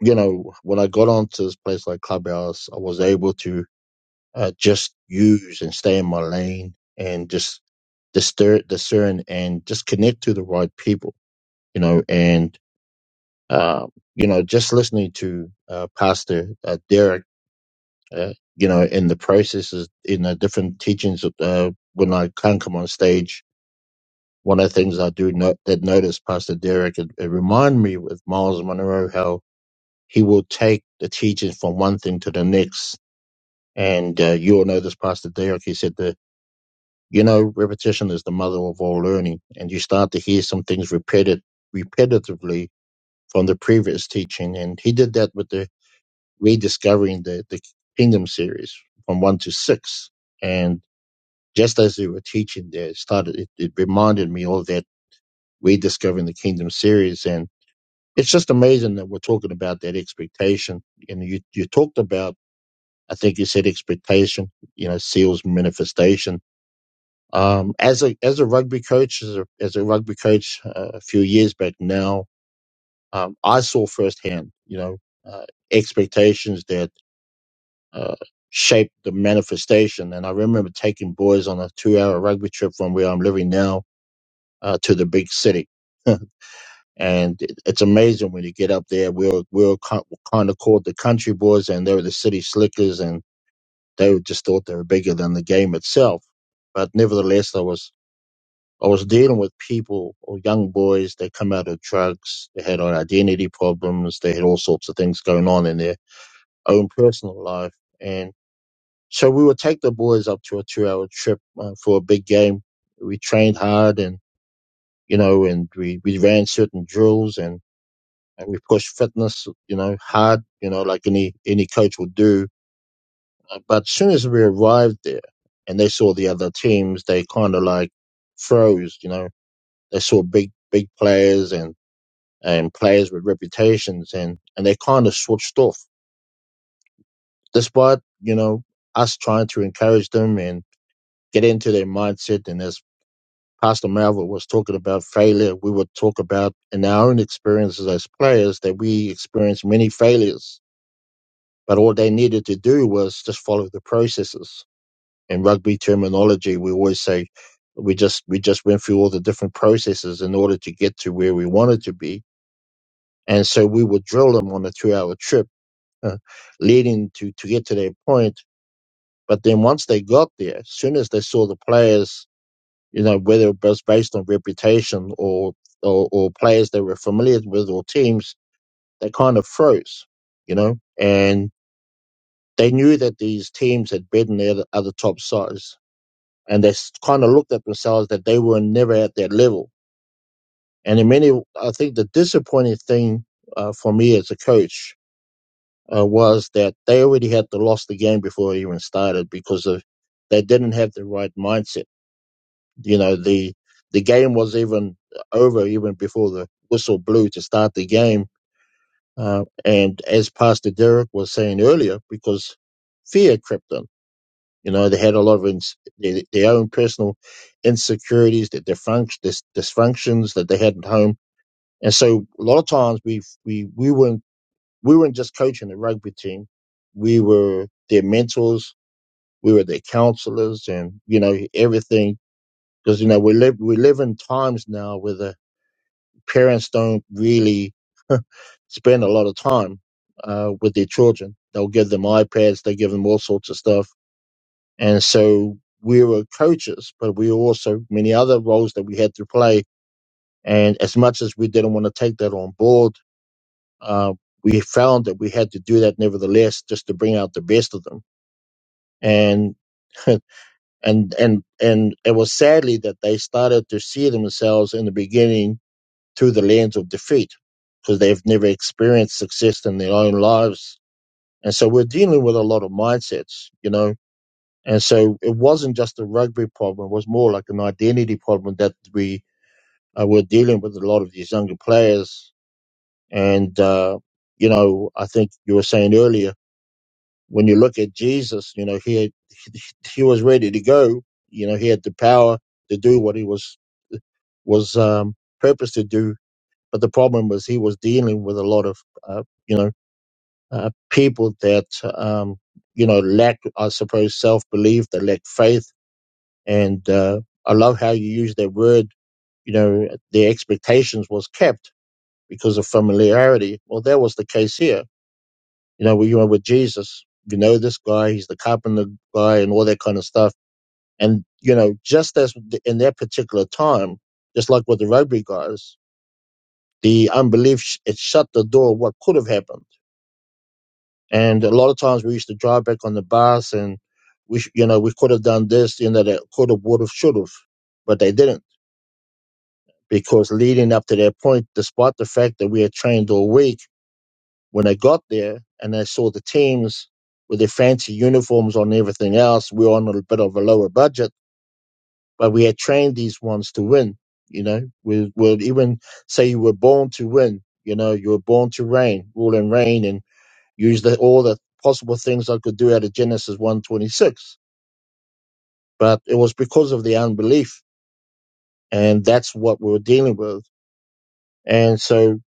F: you know, when I got onto this place like Clubhouse, I was able to uh, just use and stay in my lane and just discern, discern and just connect to the right people, you know, and, um, you know, just listening to, uh, Pastor uh, Derek, uh, you know, in the processes, in the different teachings, uh, when I can come on stage, one of the things I do not, that notice Pastor Derek, it, it remind me with Miles Monroe, how he will take the teachings from one thing to the next. And, uh, you all know this Pastor Derek, he said the. You know, repetition is the mother of all learning, and you start to hear some things repeated repetitively from the previous teaching. And he did that with the rediscovering the, the kingdom series from one to six. And just as they were teaching there, it started it, it reminded me of that rediscovering the kingdom series. And it's just amazing that we're talking about that expectation. And you you talked about I think you said expectation, you know, seals manifestation Um, as a as a rugby coach, as a, as a rugby coach uh, a few years back now, um, I saw firsthand, you know, uh, expectations that uh, shaped the manifestation. And I remember taking boys on a two-hour rugby trip from where I'm living now uh, to the big city. and it, it's amazing when you get up there. We were we were kind of called the country boys, and they were the city slickers, and they were- just thought they were bigger than the game itself. But nevertheless, I was I was dealing with people or young boys They come out of drugs. They had identity problems. They had all sorts of things going on in their own personal life. And so we would take the boys up to a two hour trip uh, for a big game. We trained hard and, you know, and we, we ran certain drills and, and we pushed fitness, you know, hard, you know, like any, any coach would do. Uh, But as soon as we arrived there and they saw the other teams, they kind of like froze, you know, they saw big, big players and and players with reputations and, and they kind of switched off despite, you know, us trying to encourage them and get into their mindset. And as Pastor Malva was talking about failure, we would talk about in our own experiences as players that we experienced many failures, but all they needed to do was just follow the processes. In rugby terminology, we always say we just, we just went through all the different processes in order to get to where we wanted to be. And so we would drill them on a two hour trip uh, leading to to get to their point. But then once they got there, as soon as they saw the players, you know, whether it was based on reputation or or, or players they were familiar with or teams, they kind of froze, you know, and they knew that these teams had beaten the other, other top sides, and they kind of looked at themselves that they were never at their level. And in many, I think the disappointing thing uh, for me as a coach uh, was that they already had to lost the game before it even started because of they didn't have the right mindset. You know, the the game was even over even before the whistle blew to start the game. Uh, and as Pastor Derek was saying earlier, because fear crept in. You know, they had a lot of ins- their, their own personal insecurities, their dysfunct- dys- dysfunctions that they had at home. And so a lot of times we we we weren't we weren't just coaching the rugby team. We were their mentors. We were their counselors and, you know, everything. Cause, you know, we live, we live in times now where the parents don't really spend a lot of time, uh, with their children. They'll give them iPads. They give them all sorts of stuff. And so we were coaches, but we were also many other roles that we had to play. And as much as we didn't want to take that on board, uh, we found that we had to do that nevertheless just to bring out the best of them and and and and it was sadly that they started to see themselves in the beginning through the lens of defeat because they've never experienced success in their own lives and so we're dealing with a lot of mindsets you know and so it wasn't just a rugby problem it was more like an identity problem that we uh, were dealing with a lot of these younger players and uh, you know i think you were saying earlier when you look at Jesus, you know, he had, he he was ready to go. You know, he had the power to do what he was was um, purposed to do. But the problem was he was dealing with a lot of, uh, you know, uh, people that, um, you know, lack, I suppose, self belief, they lack faith. And uh, I love how you use that word. You know, their expectations was kept because of familiarity. Well, that was the case here. You know, we were with Jesus. You know, this guy, he's the carpenter guy, and all that kind of stuff And, you know, just as in that particular time, just like with the Rotary guys, the unbelief, sh- it shut the door of what could have happened. And a lot of times we used to drive back on the bus and we, sh- you know, we could have done this, you know, that could have, would have, should have, but they didn't because leading up to that point, despite the fact that we had trained all week, when they got there and they saw the teams with their fancy uniforms on and everything else, we were on a bit of a lower budget but we had trained these ones to win. You know, we would even say you were born to win. You know, you were born to reign, rule and reign, and use the, all the possible things I could do out of Genesis one twenty six. But it was because of the unbelief, and that's what we were dealing with. And so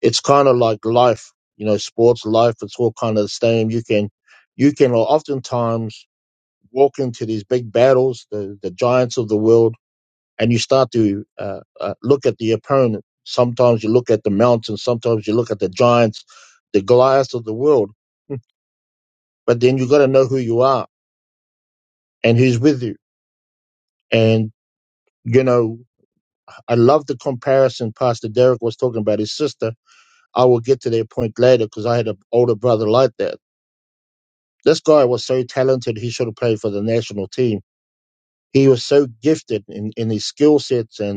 F: it's kind of like life, you know, sports life. It's all kind of the same. You can, you can oftentimes walk into these big battles, the the giants of the world and you start to uh, uh, look at the opponent. Sometimes you look at the mountains, sometimes you look at the giants, the Goliaths of the world. But then you got to know who you are and who's with you. And you know, I love the comparison Pastor Derek was talking about his sister. I will get to that point later because I had an older brother like that. This guy was so talented; he should have played for the national team. He was so gifted in, in his skill sets and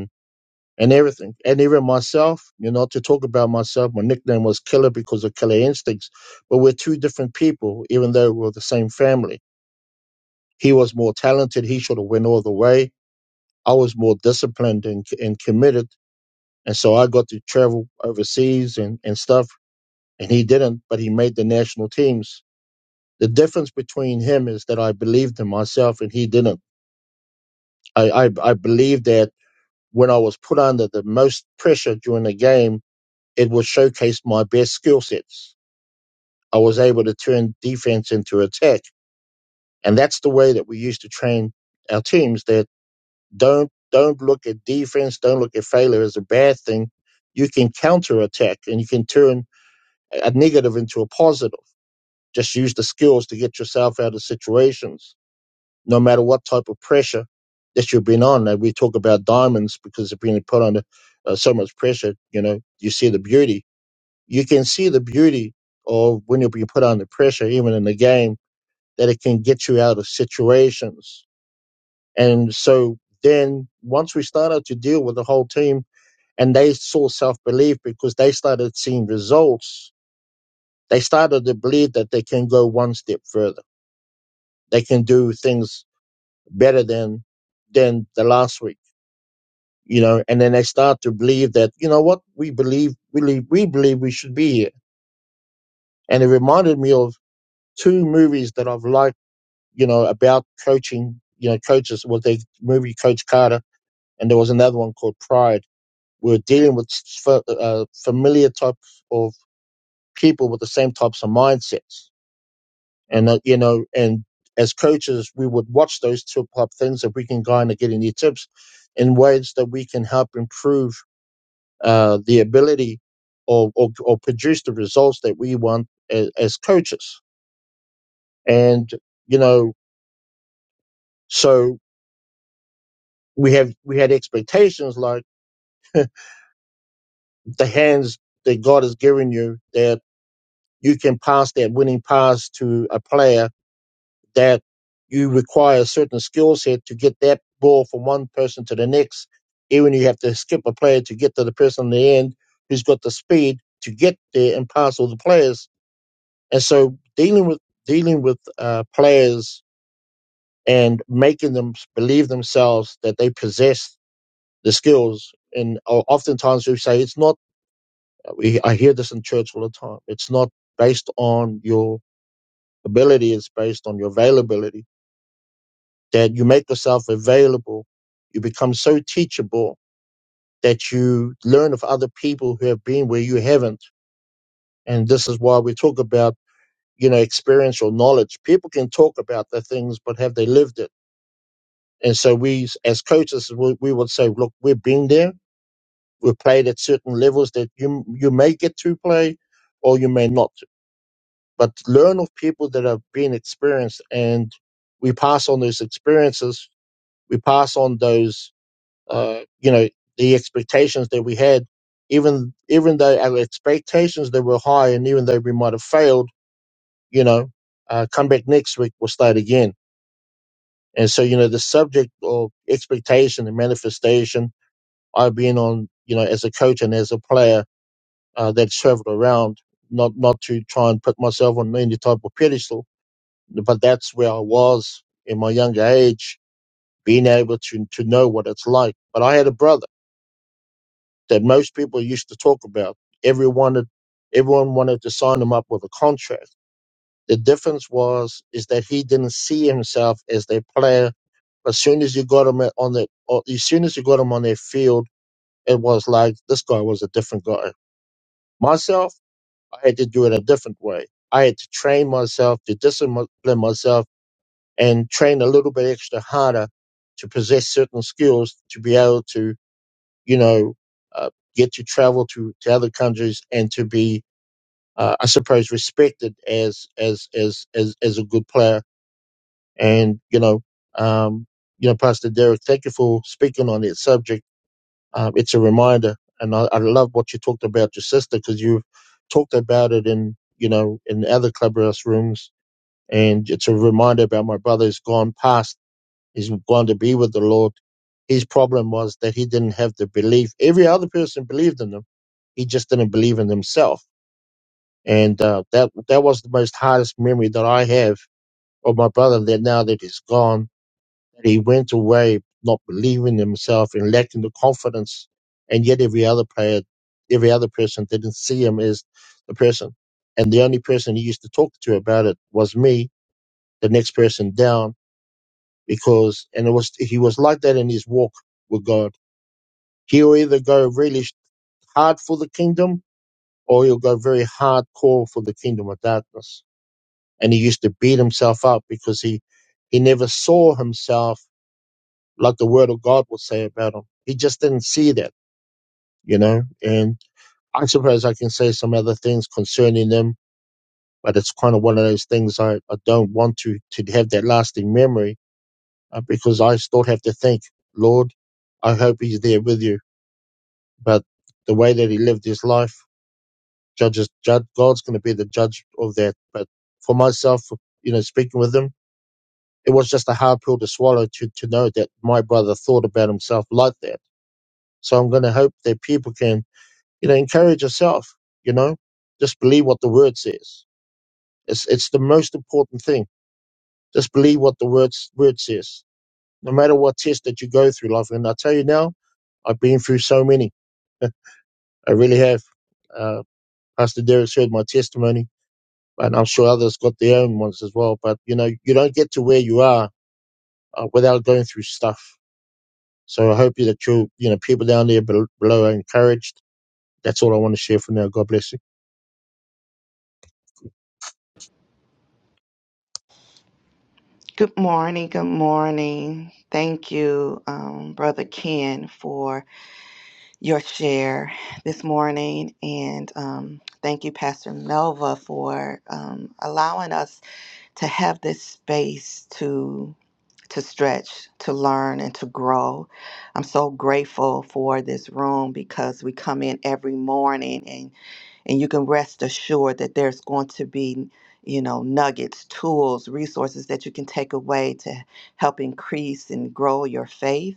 F: and everything. And even myself, you know, to talk about myself, my nickname was Killer because of Killer Instincts. But we're two different people, even though we're the same family. He was more talented. He should have went all the way. I was more disciplined and, and committed. And so I got to travel overseas and, and stuff. And he didn't, but he made the national teams. The difference between him is that I believed in myself and he didn't. I, I, I believed that when I was put under the most pressure during the game, It was showcase my best skill sets. I was able to turn defense into attack. And that's the way that we used to train our teams that don't don't look at defense, don't look at failure as a bad thing. You can counter attack and you can turn a negative into a positive. Just use the skills to get yourself out of situations, no matter what type of pressure that you've been on. And we talk about diamonds because they've been put under uh, so much pressure. You know, you see the beauty you can see the beauty of when you are being put under pressure, even in the game, that it can get you out of situations. And so then once we started to deal with the whole team and they saw self belief because they started seeing results, they started to believe that they can go one step further. They can do things better than than the last week. You know, and then they start to believe that, you know what, we believe we believe we believe we should be here. And it reminded me of two movies that I've liked you know, about coaching, you know, coaches. Well, they movie Coach Carter, and there was another one called Pride. We were dealing with uh, familiar type of people with the same types of mindsets, and uh, you know, and as coaches, we would watch those two type things if we can kind of get any tips in ways that we can help improve uh, the ability or, or or produce the results that we want as, as coaches, and you know, so we have we had expectations like the hands that God has given you that you can pass that winning pass to a player that you require a certain skill set to get that ball from one person to the next. Even you have to skip a player to get to the person in the end who's got the speed to get there and pass all the players. And so dealing with dealing with uh, players and making them believe themselves that they possess the skills. And o- oftentimes we say it's not We, I hear this in church all the time. It's not based on your ability, it's based on your availability. That you make yourself available, you become so teachable that you learn of other people who have been where you haven't. And this is why we talk about, you know, experiential knowledge. People can talk about the things, but have they lived it? And so we, as coaches, we, we would say, look, we've been there. We've played at certain levels that you, you may get to play or you may not but learn of people that have been experienced and we pass on those experiences we pass on those uh, you know the expectations that we had even even though our expectations that were high and even though we might have failed you know uh, come back next week we'll start again and so you know the subject of expectation and manifestation i've been on you know as a coach and as a player uh, that traveled around not not to try and put myself on any type of pedestal but that's where I was in my younger age, being able to to know what it's like. But I had a brother that most people used to talk about. Everyone had- everyone wanted to sign him up with a contract. The difference was is that he didn't see himself as their player. As soon as you got him on the, or as soon as you got him on their field, it was like this guy was a different guy. Myself, I had to do it a different way. I had to train myself to discipline myself and train a little bit extra harder to possess certain skills to be able to, you know, uh, get to travel to, to other countries and to be, uh, I suppose, respected as as as as as a good player. And you know, um, you know, Pastor Derek, thank you for speaking on that subject. Um, it's a reminder, and I, I love what you talked about your sister because you've talked about it in you know in other clubhouse rooms, and it's a reminder about my brother's gone past He's going to be with the Lord. His problem was that he didn't have the belief. Every other person believed in him. He just didn't believe in himself. And uh, that that was the most hardest memory that I have of my brother that now that he's gone, that he went away not believing in himself and lacking the confidence. And yet every other player, every other person didn't see him as the person. And the only person he used to talk to about it was me, the next person down because and it was he was like that in his walk with God. He'll either go really hard for the kingdom or he'll go very hardcore for the kingdom of darkness. And he used to beat himself up because he he never saw himself like the word of God would say about him. He just didn't see that, you know. And I suppose I can say some other things concerning them, but it's kind of one of those things I, I don't want to to have that lasting memory uh, because I still have to think, Lord, I hope He's there with you But the way that he lived his life, judges, judge, God's going to be the judge of that. But for myself, you know, speaking with him, it was just a hard pill to swallow to, to know that my brother thought about himself like that. So I'm going to hope that people can, you know, encourage yourself, you know, just believe what the word says. It's, it's the most important thing. Just believe what the word, word says, no matter what test that you go through life. And I tell you now, I've been through so many. I really have. Uh, Pastor Derek's heard my testimony and I'm sure others got their own ones as well. But you know, you don't get to where you are uh, without going through stuff. So I hope that you, you know, people down there below are encouraged. That's all I want to share for now. God bless.
D: Good morning. Good morning. Thank you, um, Brother Ken, for your share this morning. And um, thank you, Pastor Melva, for um, allowing us to have this space to stretch, to learn, and to grow. I'm so grateful for this room because we come in every morning and and you can rest assured that there's going to be you know nuggets tools resources that you can take away to help increase and grow your faith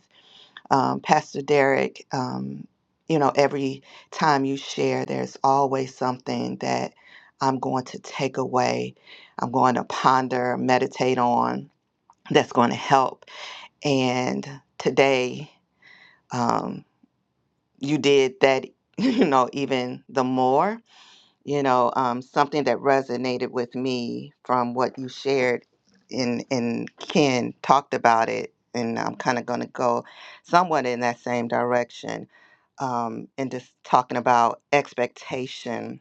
D: um, pastor derek um, you know every time you share there's always something that i'm going to take away i'm going to ponder meditate on that's going to help and today um, you did that you know even the more you know um, something that resonated with me from what you shared and and ken talked about it and i'm kind of going to go somewhat in that same direction um, and just talking about expectation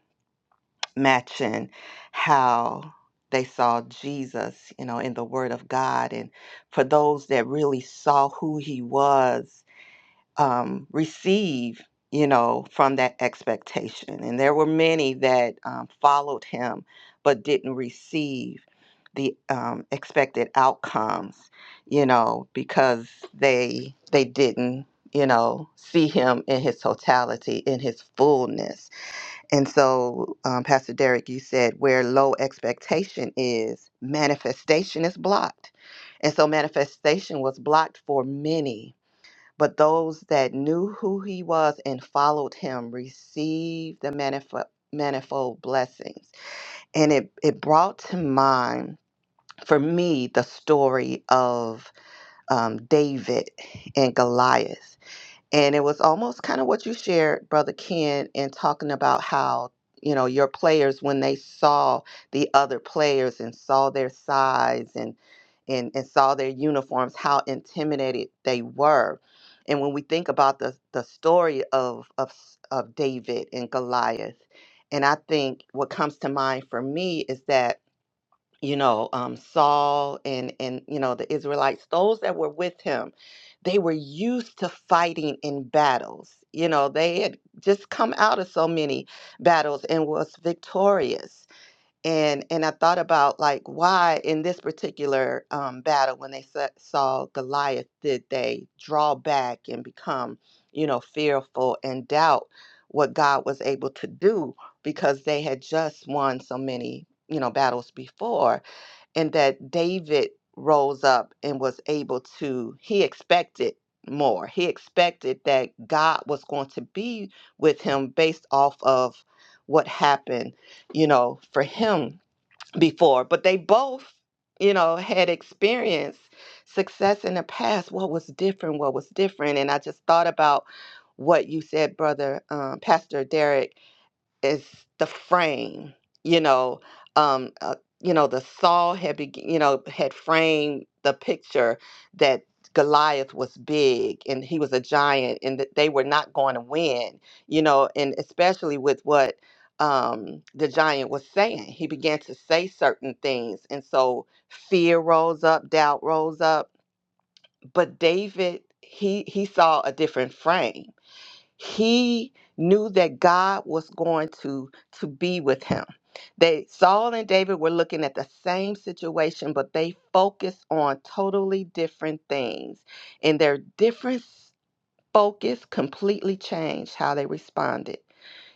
D: matching how they saw jesus you know in the word of god and for those that really saw who he was um, receive, you know, from that expectation. And there were many that um, followed him but didn't receive the um, expected outcomes, you know, because they they didn't, you know, see him in his totality, in his fullness. And so, um, Pastor Derek, you said where low expectation is, manifestation is blocked. And so manifestation was blocked for many but those that knew who he was and followed him received the manifold, manifold blessings. And it, it brought to mind for me the story of um, David and Goliath and it was almost kind of what you shared brother ken in talking about how you know your players when they saw the other players and saw their size and and, and saw their uniforms how intimidated they were and when we think about the the story of of s- of david and goliath and i think what comes to mind for me is that you know um, Saul and and you know the Israelites those that were with him they were used to fighting in battles you know they had just come out of so many battles and was victorious and and I thought about like why in this particular um, battle when they sa- saw Goliath did they draw back and become you know fearful and doubt what God was able to do because they had just won so many you know battles before and that David rose up and was able to, he expected more. He expected that God was going to be with him based off of what happened, you know, for him before. But they both, you know, had experienced success in the past. What was different? What was different? And I just thought about what you said, brother, um, Pastor Derek is the frame you know um uh, you know the saw had be, you know had framed the picture that Goliath was big and he was a giant and that they were not going to win you know and especially with what um the giant was saying he began to say certain things and so fear rose up doubt rose up but David he he saw a different frame he knew that God was going to to be with him. They Saul and David were looking at the same situation, but they focused on totally different things. And their difference focus completely changed how they responded.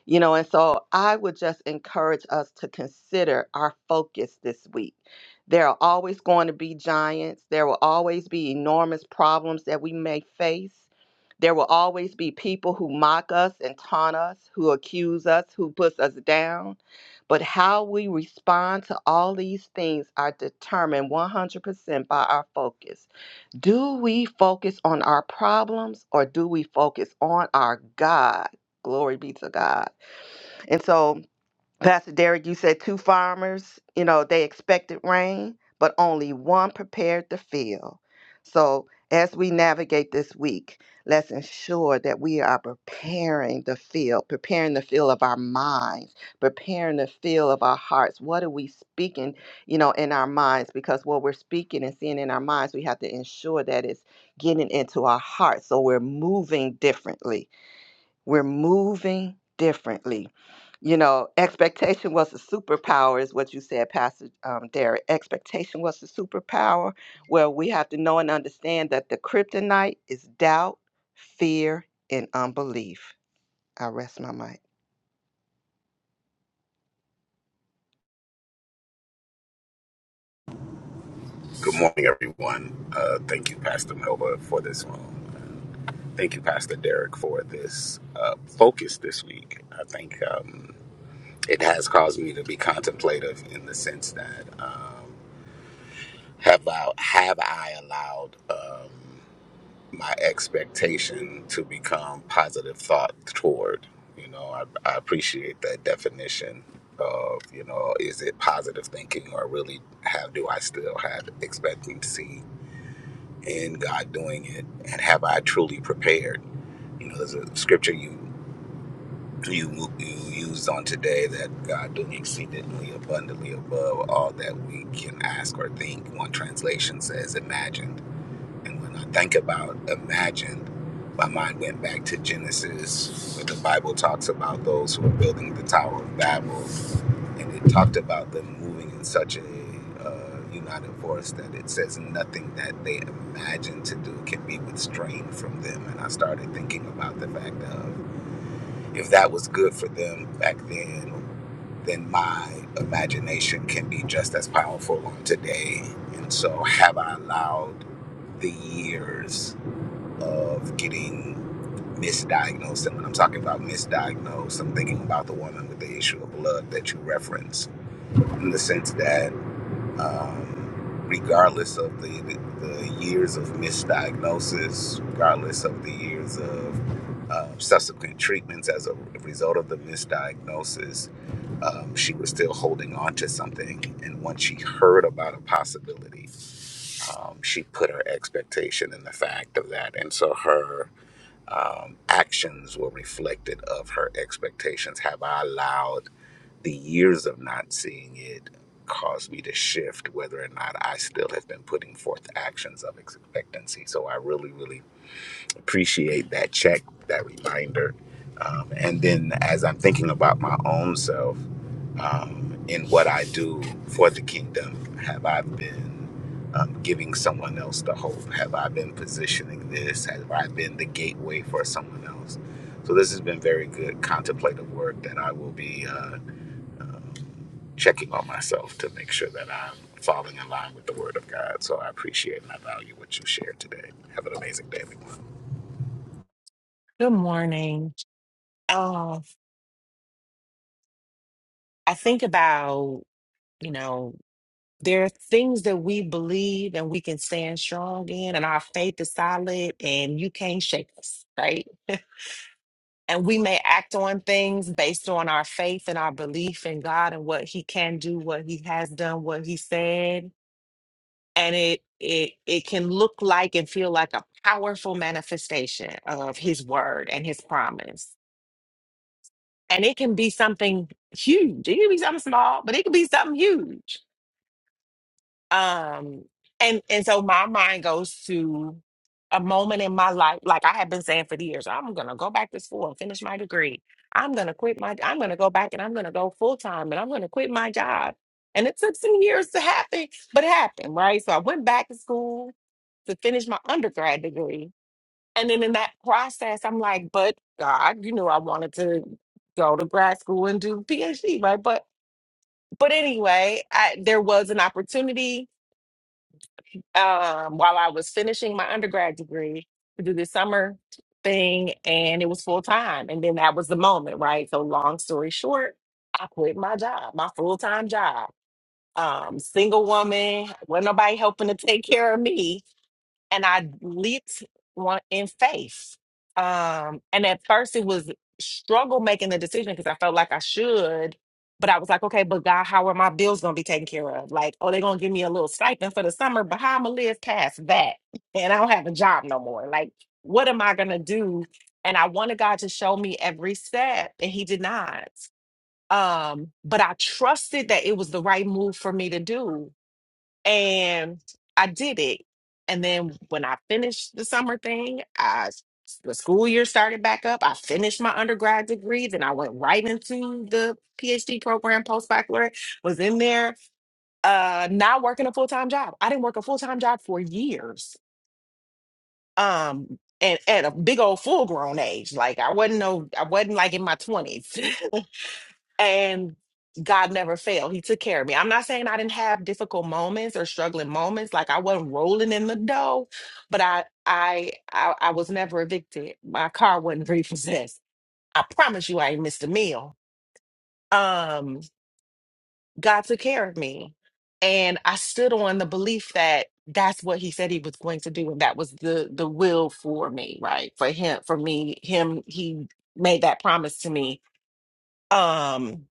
D: You know, and so I would just encourage us to consider our focus this week. There are always going to be giants, there will always be enormous problems that we may face. There will always be people who mock us and taunt us, who accuse us, who puts us down. But how we respond to all these things are determined 100% by our focus. Do we focus on our problems or do we focus on our God? Glory be to God. And so Pastor Derek, you said two farmers, you know, they expected rain, but only one prepared the field. So as we navigate this week, let's ensure that we are preparing the field, preparing the field of our minds, preparing the field of our hearts. What are we speaking, you know, in our minds? Because what we're speaking and seeing in our minds, we have to ensure that it's getting into our hearts. So we're moving differently we're moving differently. You know, expectation was the superpower, is what you said, Pastor um, Derek. Expectation was the superpower. Well, we have to know and understand that the kryptonite is doubt, fear, and unbelief. I rest my mic.
G: Good morning, everyone. Uh, thank you, Pastor Melba, for this room. Thank you, Pastor Derek, for this uh, focus this week. I think um, it has caused me to be contemplative in the sense that uh, have I, have I allowed um, my expectation to become positive thought toward? You know, I, I appreciate that definition of you know, is it positive thinking or really have do I still have expectancy and God doing it, and have I truly prepared? You know, there's a scripture you you you used on today that God doing exceedingly abundantly above all that we can ask or think. One translation says imagined, and when I think about imagined, my mind went back to Genesis, where the Bible talks about those who are building the Tower of Babel and it talked about them moving in such a uh, united force that it says nothing that they imagine to do can be restrained from them. And I started thinking about the fact of if that was good for them back then, then my imagination can be just as powerful on today. And so, have I allowed the years of getting misdiagnosed? And when I'm talking about misdiagnosed, I'm thinking about the woman with the issue of blood that you referenced in the sense that um, regardless of the, the the years of misdiagnosis, regardless of the years of uh, subsequent treatments as a result of the misdiagnosis, um, she was still holding on to something. And once she heard about a possibility, um, she put her expectation in the fact of that. And so her um, actions were reflected of her expectations. Have I allowed the years of not seeing it caused me to shift whether or not I still have been putting forth actions of expectancy. So I really, really appreciate that check, that reminder. Um, and then as I'm thinking about my own self um, in what I do for the kingdom, have I been um, giving someone else the hope? Have I been positioning this? Have I been the gateway for someone else? So this has been very good contemplative work that I will be. Uh, um, checking on myself to make sure that I'm falling in line with the Word of God. So I appreciate and I value what you shared today. Have an amazing day, everyone.
H: Good morning. Uh, I think about, you know, there are things that we believe and we can stand strong in, and our faith is solid, and you can't shake us, right? And we may act on things based on our faith and our belief in God and what He can do, what He has done, what He said, and it it it can look like and feel like a powerful manifestation of His word and His promise and it can be something huge. It can be something small, but it can be something huge. Um, and and so my mind goes to a moment in my life, like I have been saying for years, I'm gonna go back to school and finish my degree. I'm gonna quit my. I'm gonna go back and I'm gonna go full time and I'm gonna quit my job. And it took some years to happen, but it happened, right? So I went back to school to finish my undergrad degree and then in that process, I'm like, but God, you know, I wanted to go to grad school and do PhD, right? But but anyway, I, there was an opportunity um, while I was finishing my undergrad degree to do this summer thing, and it was full time. And then that was the moment, right? So long story short, I quit my job, my full time job. Um, single woman, wasn't nobody helping to take care of me and I leaped one in faith. Um, and at first it was struggle making the decision because I felt like I should, but I was like, okay, but God, how are my bills gonna be taken care of? Like, oh, they're gonna give me a little stipend for the summer, but how I'm gonna live past that? And I don't have a job no more. Like, what am I gonna do? And I wanted God to show me every step, and He did not. Um, but I trusted that it was the right move for me to do and I did it. And then when I finished the summer thing, I the school year started back up. I finished my undergrad degree, then I went right into the PhD program, post baccalaureate. Was in there, uh, not working a full time job. I didn't work a full time job for years. Um, and at a big old full grown age, like I wasn't no, I wasn't like in my twenties. and God never failed. He took care of me. I'm not saying I didn't have difficult moments or struggling moments. Like I wasn't rolling in the dough, but I I I, I was never evicted. My car wasn't repossessed. I promise you I ain't missed a meal. Um, God took care of me. And I stood on the belief that that's what he said he was going to do. And that was the the will for me, right? For him, for me, him, he made that promise to me. Um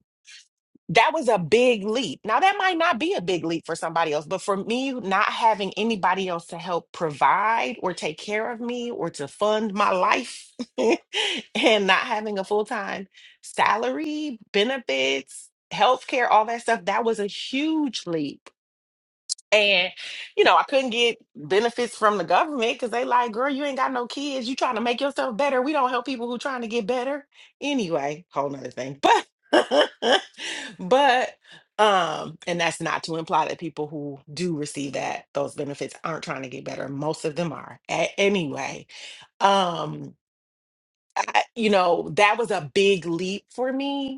H: that was a big leap. Now, that might not be a big leap for somebody else, but for me, not having anybody else to help provide or take care of me or to fund my life and not having a full time salary, benefits, healthcare, all that stuff, that was a huge leap and, you know, I couldn't get benefits from the government because they like, girl, you ain't got no kids. You trying to make yourself better. We don't help people who trying to get better. Anyway, whole nother thing. But but um, and that's not to imply that people who do receive that those benefits aren't trying to get better. Most of them are. A- anyway, um, I, you know, that was a big leap for me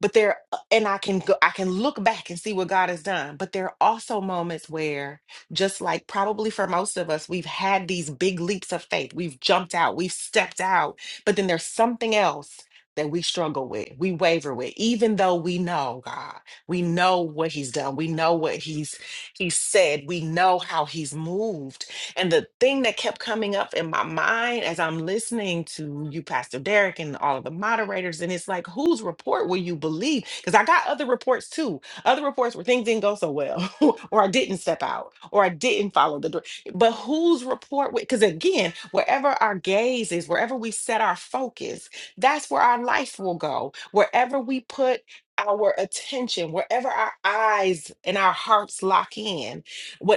H: but there uh, and i can go i can look back and see what god has done but there are also moments where just like probably for most of us we've had these big leaps of faith we've jumped out we've stepped out but then there's something else that we struggle with we waver with even though we know god we know what he's done we know what he's he's said we know how he's moved and the thing that kept coming up in my mind as I'm listening to you, Pastor Derek, and all of the moderators, and it's like, whose report will you believe? Because I got other reports too. Other reports where things didn't go so well, or I didn't step out, or I didn't follow the door. But whose report? Because again, wherever our gaze is, wherever we set our focus, that's where our life will go. Wherever we put our attention, wherever our eyes and our hearts lock in,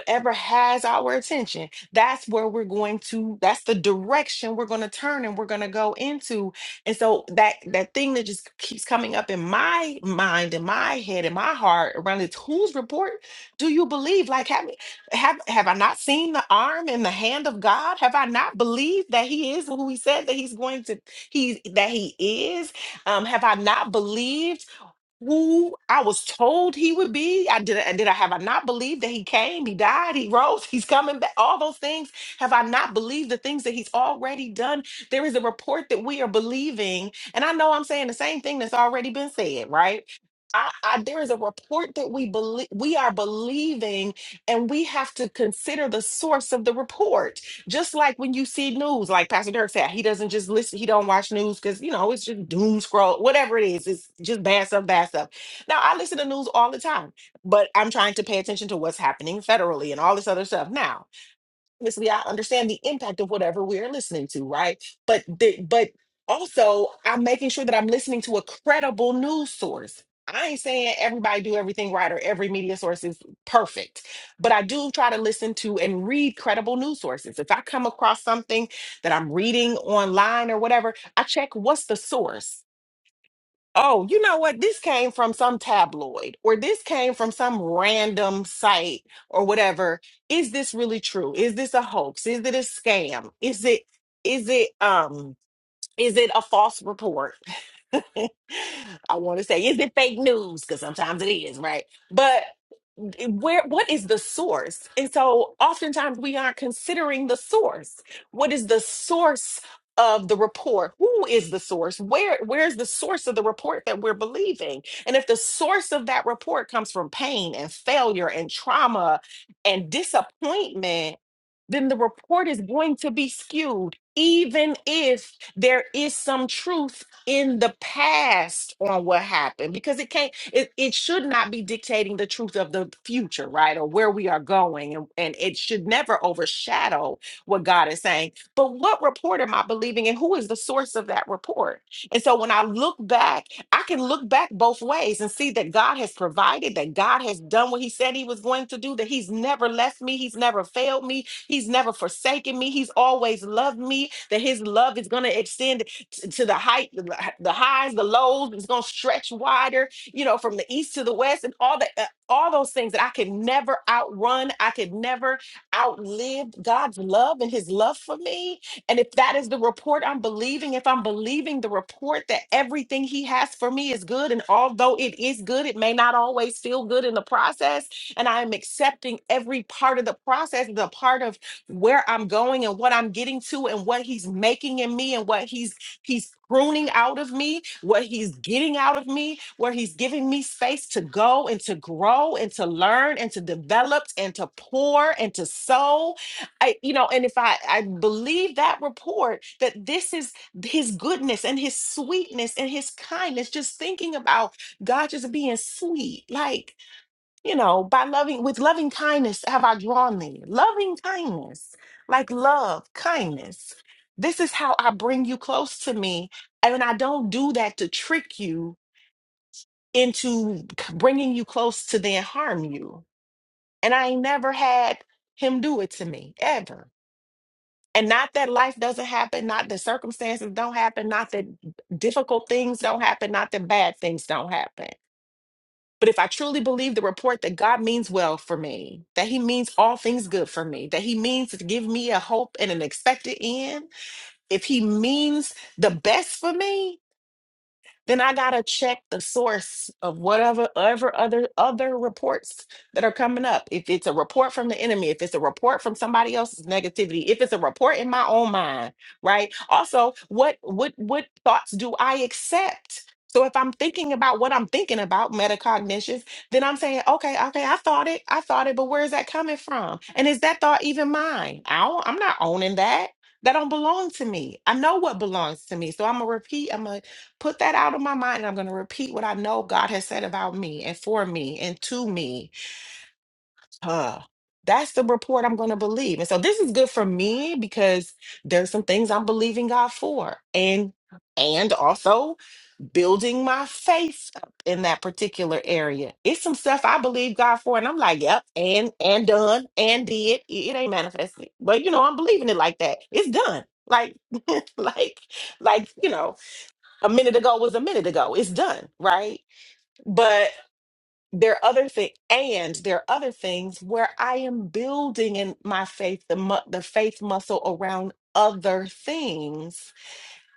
H: whatever has our attention that's where we're going to that's the direction we're going to turn and we're going to go into and so that that thing that just keeps coming up in my mind in my head in my heart around it's whose report do you believe like have have have i not seen the arm and the hand of god have i not believed that he is who he said that he's going to he that he is um have i not believed who I was told he would be. I did. I Did I have I not believed that he came? He died. He rose. He's coming back. All those things. Have I not believed the things that he's already done? There is a report that we are believing, and I know I'm saying the same thing that's already been said, right? I, I, there is a report that we believe we are believing, and we have to consider the source of the report just like when you see news, like Pastor Dirk said, he doesn't just listen, he don't watch news because you know it's just doom scroll, whatever it is, it's just bad stuff, bad stuff. Now I listen to news all the time, but I'm trying to pay attention to what's happening federally and all this other stuff. Now obviously I understand the impact of whatever we're listening to, right? But the, but also I'm making sure that I'm listening to a credible news source. I ain't saying everybody do everything right or every media source is perfect, but I do try to listen to and read credible news sources. If I come across something that I'm reading online or whatever, I check what's the source oh, you know what? This came from some tabloid or this came from some random site or whatever. Is this really true? Is this a hoax? Is it a scam? Is it, is it, um, is it a false report? I want to say, is it fake news? Because sometimes it is, right? But where what is the source and so oftentimes we aren't considering the source what is the source of the report who is the source where where's the source of the report that we're believing and if the source of that report comes from pain and failure and trauma and disappointment then the report is going to be skewed, even if there is some truth in the past on what happened, because it can't, it, it should not be dictating the truth of the future, right? Or where we are going. And, and it should never overshadow what God is saying. But what report am I believing and who is the source of that report? And so when I look back, I can look back both ways and see that God has provided, that God has done what He said He was going to do, that He's never left me, He's never failed me, He's never forsaken me. He's always loved me. That His love is going to extend t- to the height, the the highs, the lows. It's going to stretch wider, you know, from the east to the west, and all that, uh, all those things that I could never outrun. I could never outlive God's love and His love for me. And if that is the report I'm believing, if I'm believing the report that everything He has for me is good, and although it is good, it may not always feel good in the process and I am accepting every part of the process, the part of where I'm going and what I'm getting to and what he's making in me and what he's he's pruning out of me, what he's getting out of me, where he's giving me space to go and to grow and to learn and to develop and to pour and to sow. I you know, and if I I believe that report that this is his goodness and his sweetness and his kindness just thinking about God just being sweet. Like you know, by loving with loving kindness have I drawn thee. Loving kindness, like love, kindness. This is how I bring you close to me. And I don't do that to trick you into c- bringing you close to then harm you. And I ain't never had him do it to me ever. And not that life doesn't happen, not that circumstances don't happen, not that difficult things don't happen, not that bad things don't happen But if I truly believe the report that God means well for me, that He means all things good for me, that He means to give me a hope and an expected end, if He means the best for me, then I gotta check the source of whatever ever other other reports that are coming up. If it's a report from the enemy, if it's a report from somebody else's negativity, if it's a report in my own mind, right? Also, what what what thoughts do I accept? So if I'm thinking about what I'm thinking about, metacognitions, then I'm saying, okay, okay, I thought it, I thought it, but where is that coming from? And is that thought even mine? I don't, I'm not owning that. That don't belong to me. I know what belongs to me. So I'm gonna repeat. I'm gonna put that out of my mind and I'm going to repeat what I know God has said about me and for me and to me. Huh. That's the report I'm going to believe. And so this is good for me because there's some things I'm believing God for and and also building my faith up in that particular area. It's some stuff I believe God for and I'm like, yep, and and done and did. It it ain't manifested. But you know, I'm believing it like that. It's done. Like like like you know a minute ago was a minute ago. It's done, right? But there are other things, and there are other things where I am building in my faith, the mu- the faith muscle around other things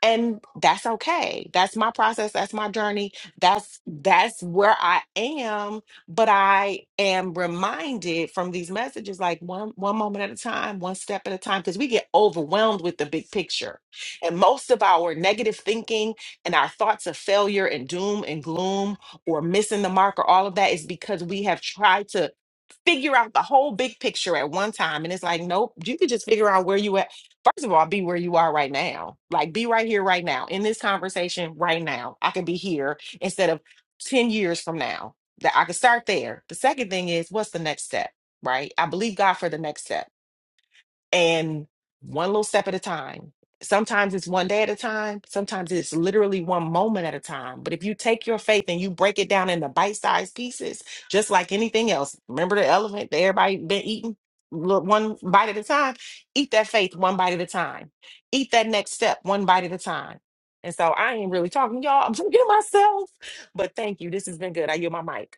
H: and that's okay that's my process that's my journey that's that's where i am but i am reminded from these messages like one one moment at a time one step at a time because we get overwhelmed with the big picture and most of our negative thinking and our thoughts of failure and doom and gloom or missing the mark or all of that is because we have tried to figure out the whole big picture at one time and it's like nope you could just figure out where you at First of all, be where you are right now. Like, be right here, right now, in this conversation, right now. I can be here instead of 10 years from now. That I could start there. The second thing is, what's the next step? Right? I believe God for the next step and one little step at a time. Sometimes it's one day at a time, sometimes it's literally one moment at a time. But if you take your faith and you break it down into bite sized pieces, just like anything else, remember the elephant that everybody been eating? Look, One bite at a time, eat that faith one bite at a time, eat that next step one bite at a time. And so I ain't really talking, y'all. I'm talking to myself, but thank you. This has been good. I yield my mic.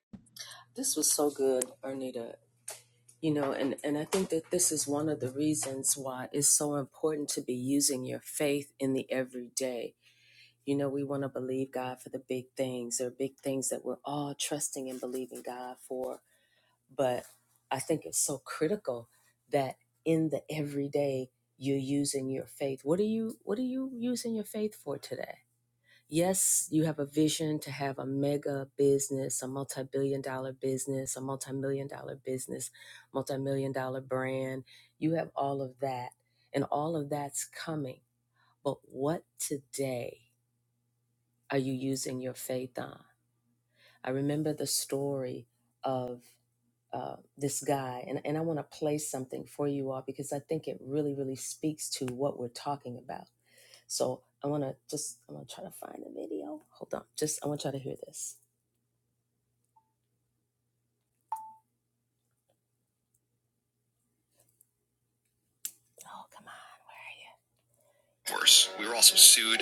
A: Worse, we were also sued.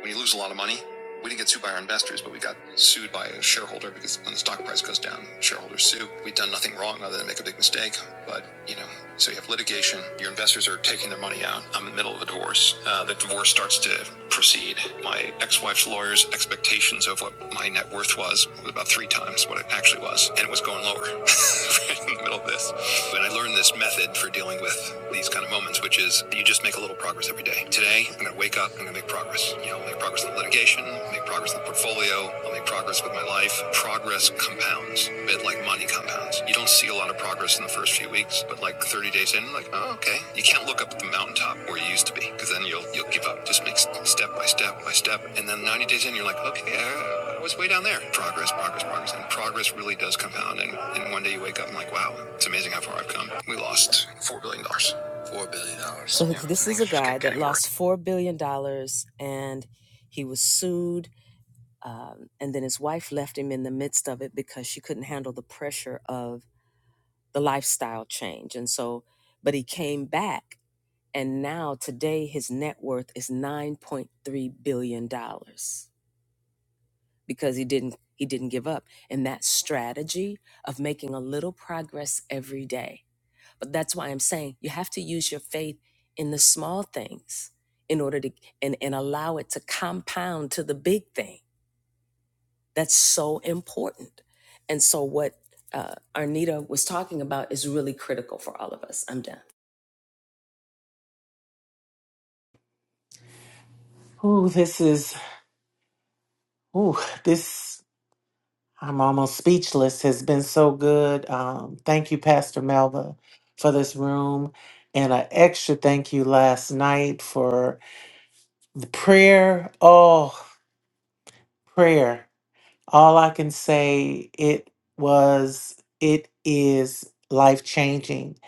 A: When you lose a lot of money, we didn't get sued by our investors, but we got sued by a shareholder because when the stock price goes down, shareholders sue. We'd done nothing wrong other than make a big mistake. But, you know, so you have litigation, your investors are taking their money out. I'm in the middle of a divorce. Uh, the divorce starts to proceed. My ex wife's lawyer's expectations of what my net worth was was about three times what it actually was, and it was going lower. in the middle of this. and I learned this method for dealing with these kind of moments, which is you just make a little progress every day. Today, I'm going to wake up, I'm going to make progress. You know, I'll make progress in the litigation, make progress in the portfolio, I'll make progress with my life. Progress compounds, a bit like money compounds. You don't see a lot of progress in the first few weeks, but like 30 days. 30 days in, like, oh, okay. You can't look up at the mountaintop where you used to be because then you'll you'll give up. Just make step by step by step. And then 90 days in, you're like, okay, I, I was way down there. Progress, progress, progress. And progress really does compound. And, and one day you wake up and like, wow, it's amazing how far I've come. We lost $4 billion. dollars. $4 billion. dollars.
I: Oh, this is, oh, this, I'm almost speechless, has been so good. Um, thank you, Pastor Melva, for this room. And an extra thank you last night for the prayer. Oh, prayer. All I can say, it was, it is life changing.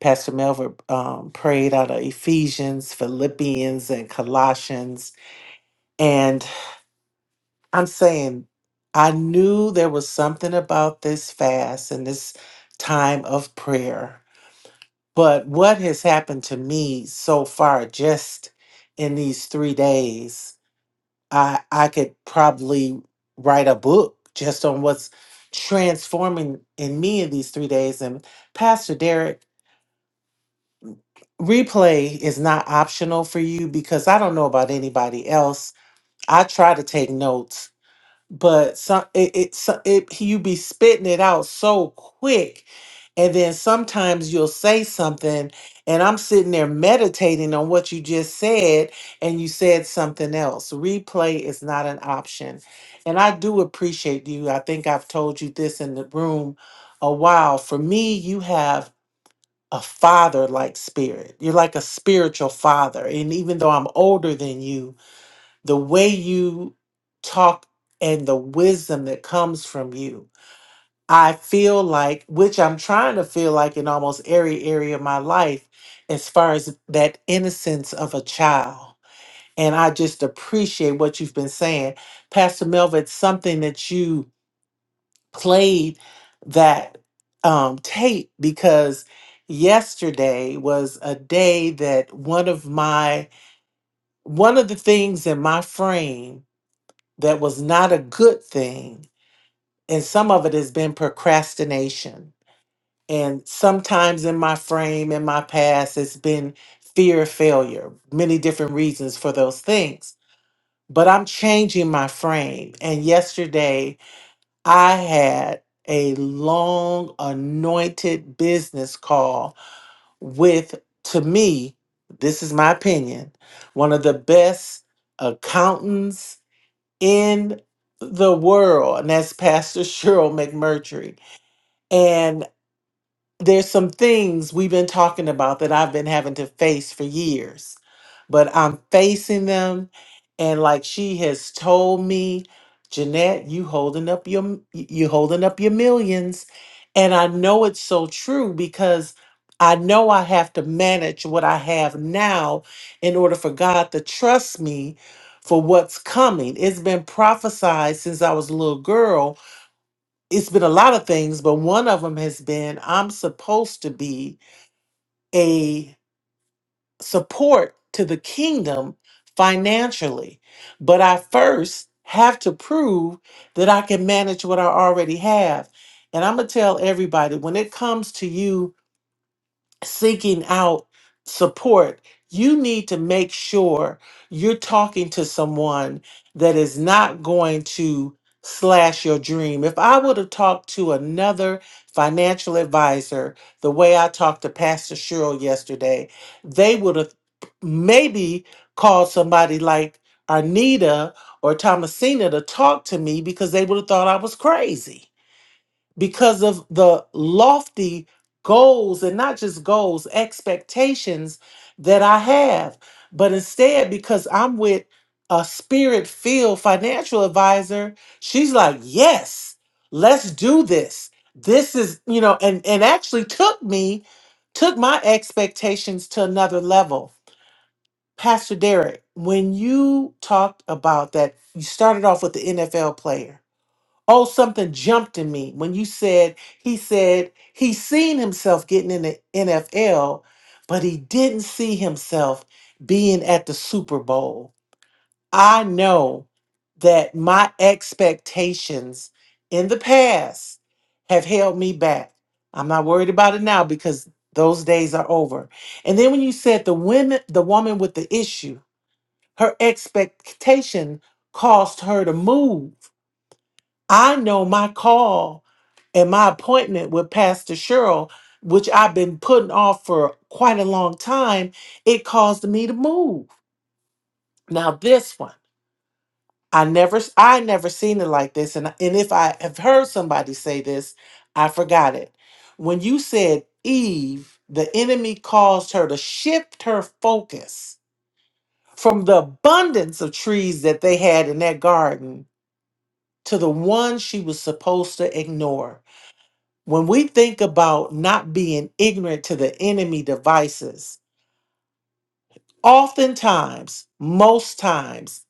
I: Pastor Melva um, prayed out of Ephesians, Philippians, and Colossians. I'm saying I knew there was something about this fast and this time of prayer. But what has happened to me so far just in these 3 days, I I could probably write a book just on what's transforming in me in these 3 days and Pastor Derek Replay is not optional for you because I don't know about anybody else. I try to take notes but some it it, so- it he- you be spitting it out so quick and then sometimes you'll say something and i'm sitting there meditating on what you just said and you said something else replay is not an option and i do appreciate you i think i've told you this in the room a while for me you have a father like spirit you're like a spiritual father and even though i'm older than you the way you talk and the wisdom that comes from you. I feel like, which I'm trying to feel like in almost every area of my life, as far as that innocence of a child. And I just appreciate what you've been saying. Pastor Melva, it's something that you played that um, tape because yesterday was a day that one of my, one of the things in my frame that was not a good thing. And some of it has been procrastination. And sometimes in my frame, in my past, it's been fear of failure, many different reasons for those things. But I'm changing my frame. And yesterday, I had a long anointed business call with, to me, this is my opinion, one of the best accountants in the world, and that's Pastor Cheryl McMurtry. And there's some things we've been talking about that I've been having to face for years, but I'm facing them. And like she has told me, Jeanette, you holding up your m- y- you holding up your millions. And I know it's so true because I know I have to manage what I have now in order for God to trust me for what's coming. It's been prophesied since I was a little girl it's been a lot of things, but one of them has been I'm supposed to be a support to the kingdom financially, but I first have to prove that I can manage what I already have. And I'm going to tell everybody when it comes to you seeking out support, you need to make sure you're talking to someone that is not going to slash your dream. If I would have talked to another financial advisor the way I talked to Pastor Cheryl yesterday, they would have maybe called somebody like Arnita or Thomasina to talk to me because they would have thought I was crazy because of the lofty goals and not just goals, expectations that I have, but instead because I'm with a spirit filled financial advisor, she's like, "Yes, let's do this. This is, you know, and and actually took me took my expectations to another level." Pastor Derek, when you talked about that, you started off with the NFL player Oh, something jumped in me when you said he said he seen himself getting in the NFL, but he didn't see himself being at the Super Bowl. I know that my expectations in the past have held me back. I'm not worried about it now because those days are over. And then when you said the women the woman with the issue, her expectation caused her to move. I know my call and my appointment with Pastor Cheryl, which I've been putting off for quite a long time, it caused me to move. Now this one, I never I never seen it like this and and if I have heard somebody say this, I forgot it. When you said Eve, the enemy caused her to shift her focus from the abundance of trees that they had in that garden to the one she was supposed to ignore. when we think about not being ignorant to the enemy devices, oftentimes, most times,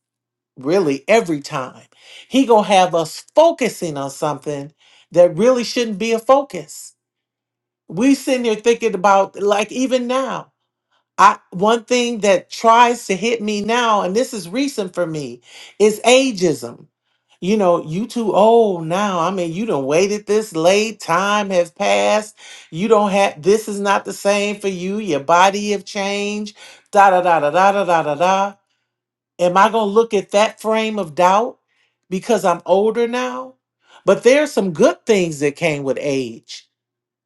I: really every time, he gonna have us focusing on something that really shouldn't be a focus. We sitting here thinking about like even now. I one thing that tries to hit me now, and this is recent for me, is ageism. You know, you too old now. I mean, you done waited this late. Time has passed. You don't have this is not the same for you. Your body have changed. Da da da da da da da da da. Am I gonna look at that frame of doubt because I'm older now? But there are some good things that came with age.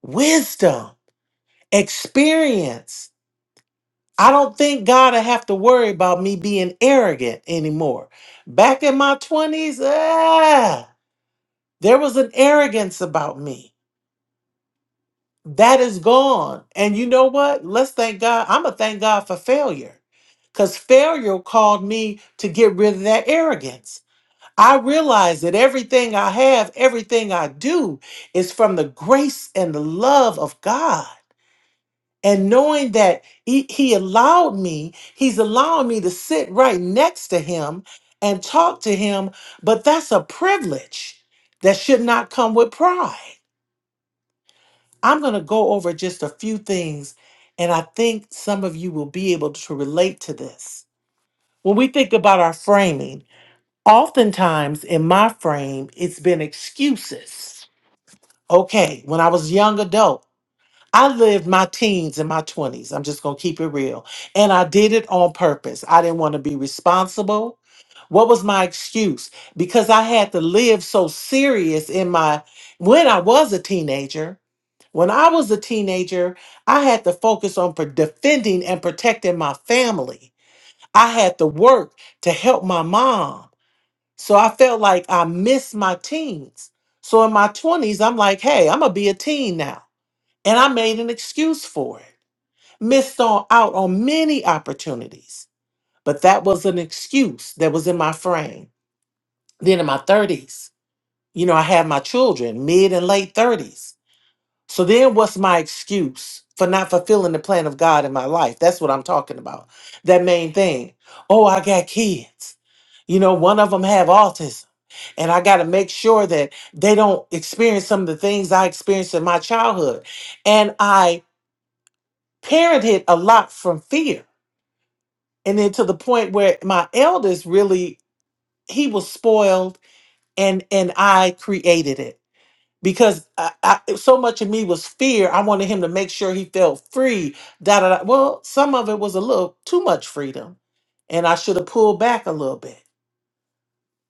I: Wisdom, experience I don't think God will have to worry about me being arrogant anymore. Back in my 20s, ah, there was an arrogance about me. That is gone. And you know what? Let's thank God. I'm going to thank God for failure because failure called me to get rid of that arrogance. I realize that everything I have, everything I do is from the grace and the love of God. and knowing that he, he allowed me he's allowing me to sit right next to him and talk to him but that's a privilege that should not come with pride i'm going to go over just a few things and i think some of you will be able to relate to this when we think about our framing oftentimes in my frame it's been excuses okay when i was young adult I lived my teens and my 20s. I'm just going to keep it real. And I did it on purpose. I didn't want to be responsible. What was my excuse? Because I had to live so serious in my when I was a teenager. When I was a teenager, I had to focus on pro- defending and protecting my family. I had to work to help my mom. So I felt like I missed my teens. So in my 20s, I'm like, hey, I'm going to be a teen now. And I made an excuse for it missed on out on many opportunities, but that was an excuse that was in my frame. Then in my 30s, you know, I had my children, mid and late 30s. So then what's my excuse for not fulfilling the plan of God in my life? That's what I'm talking about. That main thing. Oh, I got kids. You know, one of them have autism, and I got to make sure that they don't experience some of the things I experienced in my childhood. And I parented a lot from fear and then to the point where my eldest really he was spoiled and and i created it because I, I, so much of me was fear i wanted him to make sure he felt free da, da, da. well some of it was a little too much freedom and i should have pulled back a little bit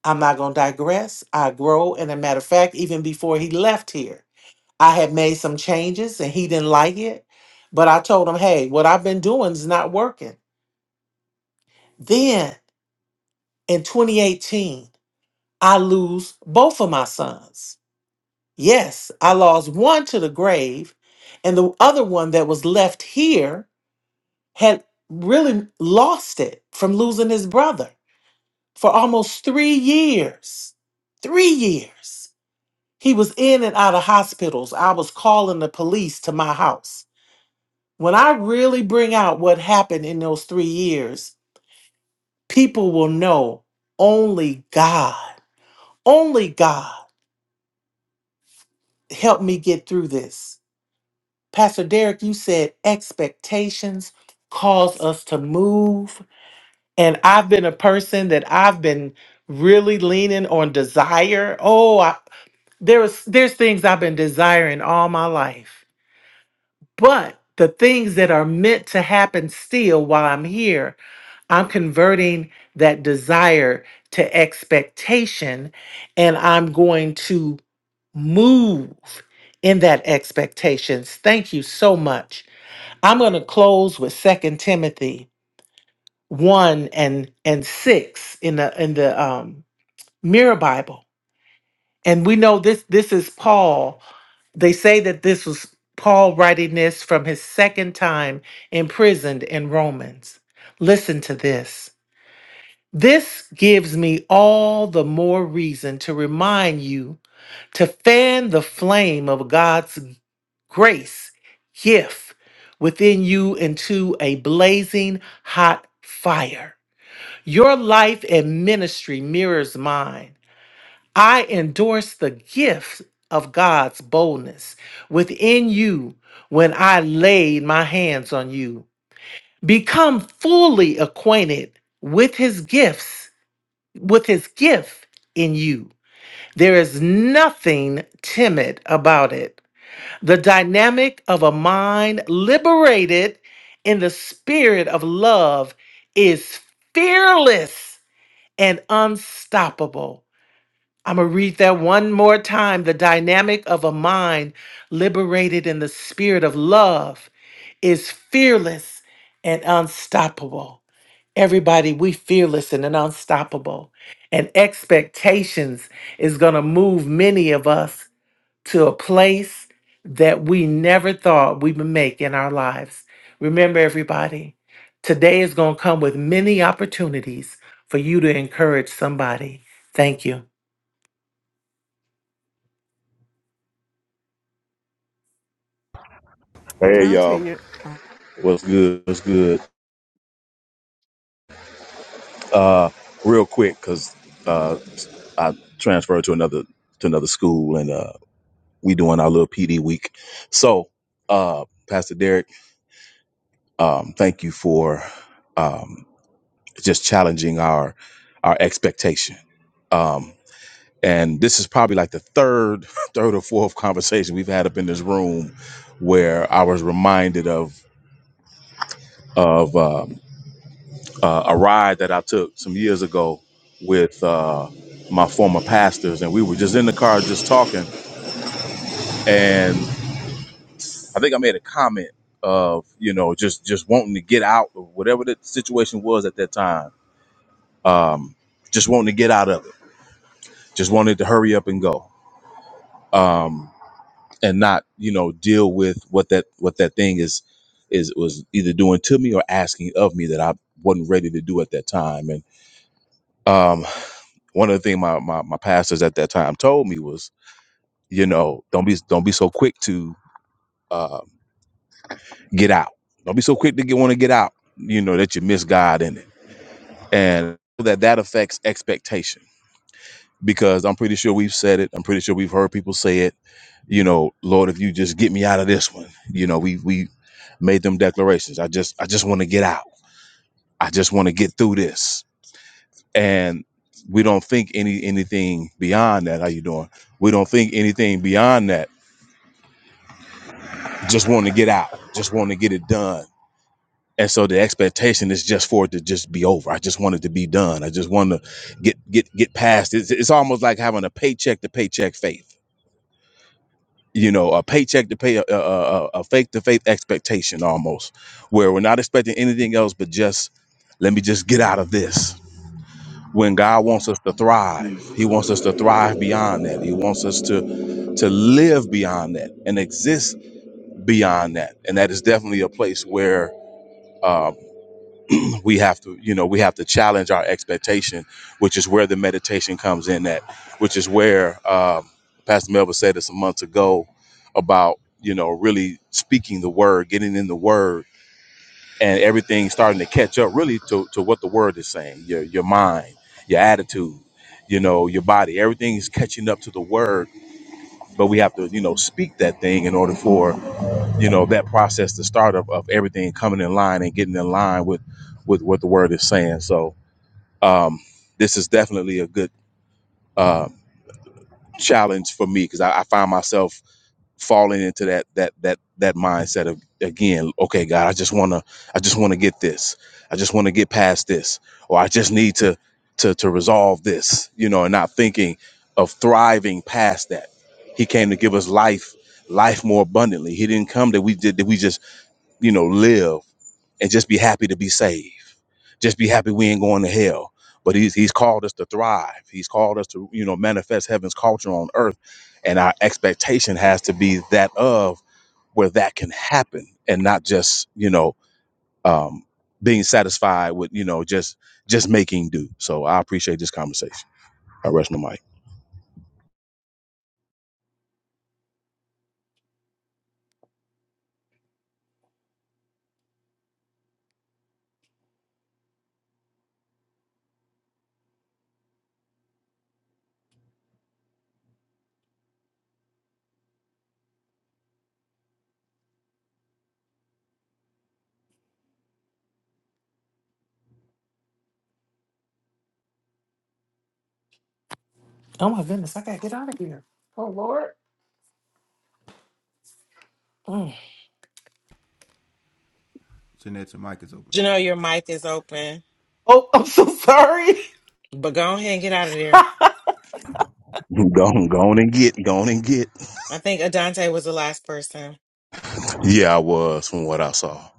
I: i'm not going to digress i grow and a matter of fact even before he left here i had made some changes and he didn't like it but i told him hey what i've been doing is not working then in 2018 I lose both of my sons. Yes, I lost one to the grave, and the other one that was left here had really lost it from losing his brother for almost three years. Three years. He was in and out of hospitals. I was calling the police to my house. When I really bring out what happened in those three years, people will know only God, only God helped me get through this Pastor Derek, you said expectations cause us to move. And I've been a person that I've been really leaning on desire. Oh, I, there's there's things I've been desiring all my life. But the things that are meant to happen still while I'm here, I'm converting that desire to expectation and I'm going to move in that expectations. Thank you so much I'm going to close with Second Timothy one and and six in the in the um, Mirror Bible, and we know this this is Paul. They say that this was Paul writing this from his second time imprisoned in Romans. Listen to this. This gives me all the more reason to remind you to fan the flame of God's grace, gift within you into a blazing hot fire. Your life and ministry mirrors mine. I endorse the gift of God's boldness within you when I laid my hands on you. Become fully acquainted with his gifts, with his gift in you. There is nothing timid about it. The dynamic of a mind liberated in the spirit of love is fearless and unstoppable. I'm going to read that one more time. The dynamic of a mind liberated in the spirit of love is fearless and unstoppable. Everybody, we fearless and unstoppable. And expectations is going to move many of us to a place that we never thought we would make in our lives. Remember, everybody, today is going to come with many opportunities for you to encourage somebody. Thank you.
J: Hey
C: Adante,
J: y'all,
C: you. are
J: what's good? What's good? Uh, real quick, cause uh, I transferred to another to another school, and uh, we doing our little PD week. So, uh, Pastor Derek, um, thank you for um, just challenging our our expectation. Um, and this is probably like the third third or fourth conversation we've had up in this room where I was reminded of of. um, uh, a ride that I took some years ago with uh, my former pastors, and we were just in the car just talking, and I think I made a comment of you know just just wanting to get out of whatever the situation was at that time, um, just wanting to get out of it, just wanted to hurry up and go, um, and not you know deal with what that what that thing is is was either doing to me or asking of me that I wasn't ready to do at that time, and um, One of the things my, my my pastors at that time told me was, you know, don't be don't be so quick to uh, get out. Don't be so quick to get want to get out. You know that you miss God in it, and that that affects expectation because I'm pretty sure we've said it. I'm pretty sure we've heard people say it. You know, Lord, if you just get me out of this one, you know, we we made them declarations. I just I just want to get out. I just want to get through this. And we don't think any anything beyond that. How you doing? We don't think anything beyond that just wanting to get out, just wanting to get it done. And so the expectation is just for it to just be over. I just want it to be done. I just want to get get get past. it. It's, it's almost like having a paycheck to paycheck faith. You know, a paycheck to pay a, a, a faith to faith expectation almost, where we're not expecting anything else but just let me just get out of this. When God wants us to thrive, He wants us to thrive beyond that. He wants us to to live beyond that and exist beyond that. And that is definitely a place where uh, we have to you know we have to challenge our expectation which is where the meditation comes in at which is where um, pastor melvin said this a month ago about you know really speaking the word getting in the word and everything starting to catch up really to, to what the word is saying your, your mind your attitude you know your body everything is catching up to the word but we have to you know speak that thing in order for you know that process the start of, of everything coming in line and getting in line with with what the word is saying so um this is definitely a good uh challenge for me because I, I find myself falling into that that that that mindset of again okay god i just want to i just want to get this i just want to get past this or i just need to to to resolve this you know and not thinking of thriving past that he came to give us life life more abundantly he didn't come that we did that we just you know, live and just be happy to be saved. Just be happy we ain't going to hell. But he's he's called us to thrive. He's called us to, you know, manifest heaven's culture on earth. And our expectation has to be that of where that can happen and not just, you know, um being satisfied with, you know, just just making do. So I appreciate this conversation. I rest my mic.
I: Oh my goodness, I got to get out of here. Oh, Lord. Mm.
B: Jeanette's mic is open.
H: Janelle, your mic is open,
I: Oh, I'm so sorry.
H: but go ahead and get out of there.
J: Go on, go on and get, go on and get.
H: I think Adante was the last person.
J: Yeah, I was from what I saw.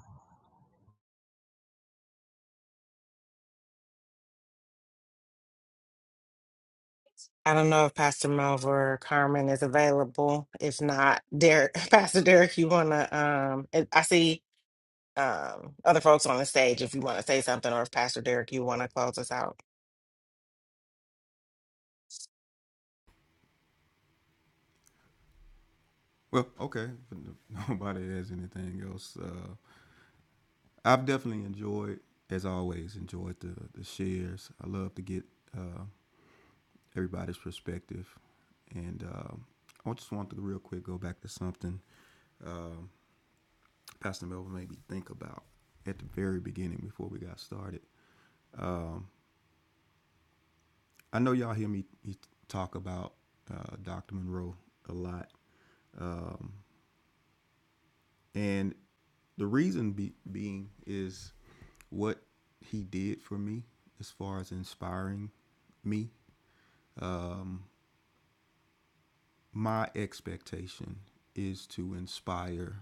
H: I don't know if Pastor Melv or Carmen is available. If not, Derek, Pastor Derek, you wanna um it, I see um other folks on the stage if you wanna say something or if Pastor Derek you wanna close us out.
B: Well, okay. no- nobody has anything else. Uh, I've definitely enjoyed, as always, enjoyed the, the shares. I love to get uh, everybody's perspective. And um I just wanted to real quick go back to something um Pastor Melvin made me think about at the very beginning before we got started. Um, I know y'all hear me, me talk about uh, Dr. Monroe a lot, and the reason be, being is what he did for me as far as inspiring me. My expectation is to inspire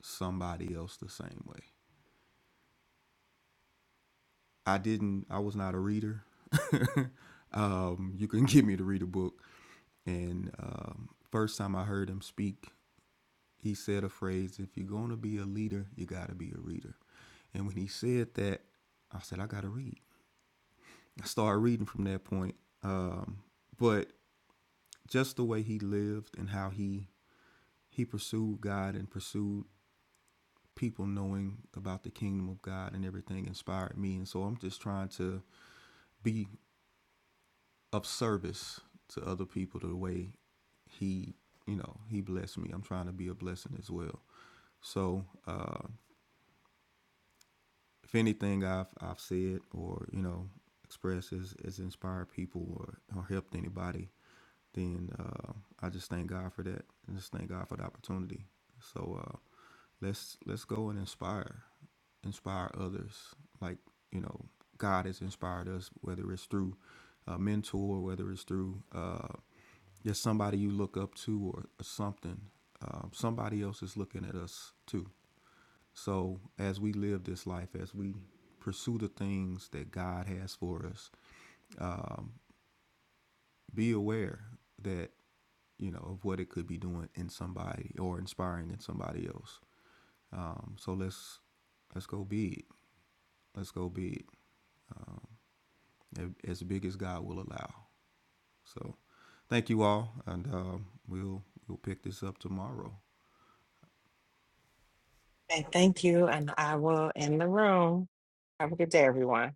B: somebody else the same way. I didn't. I was not a reader. um, you can get me to read a book, and um, first time I heard him speak he said a phrase if you're going to be a leader you got to be a reader and when he said that i said i got to read i started reading from that point um, but just the way he lived and how he he pursued god and pursued people knowing about the kingdom of god and everything inspired me and so i'm just trying to be of service to other people the way he you know he blessed me i'm trying to be a blessing as well so uh, if anything I've I've said or you know expressed has, has inspired people or, or helped anybody, then uh, I just thank God for that. And just thank God for the opportunity. So uh, let's let's go and inspire, inspire others. Like you know, God has inspired us, whether it's through a mentor, whether it's through uh, just somebody you look up to or, or something. Um, somebody else is looking at us too. So, as we live this life, as we pursue the things that God has for us, be aware that, you know, of what it could be doing in somebody or inspiring in somebody else. Um, so let's let's go be it. Let's go be it um, as big as God will allow. So thank you all, and um, we'll we'll pick this up tomorrow.
H: And thank you and I will end the room. Have a good day everyone.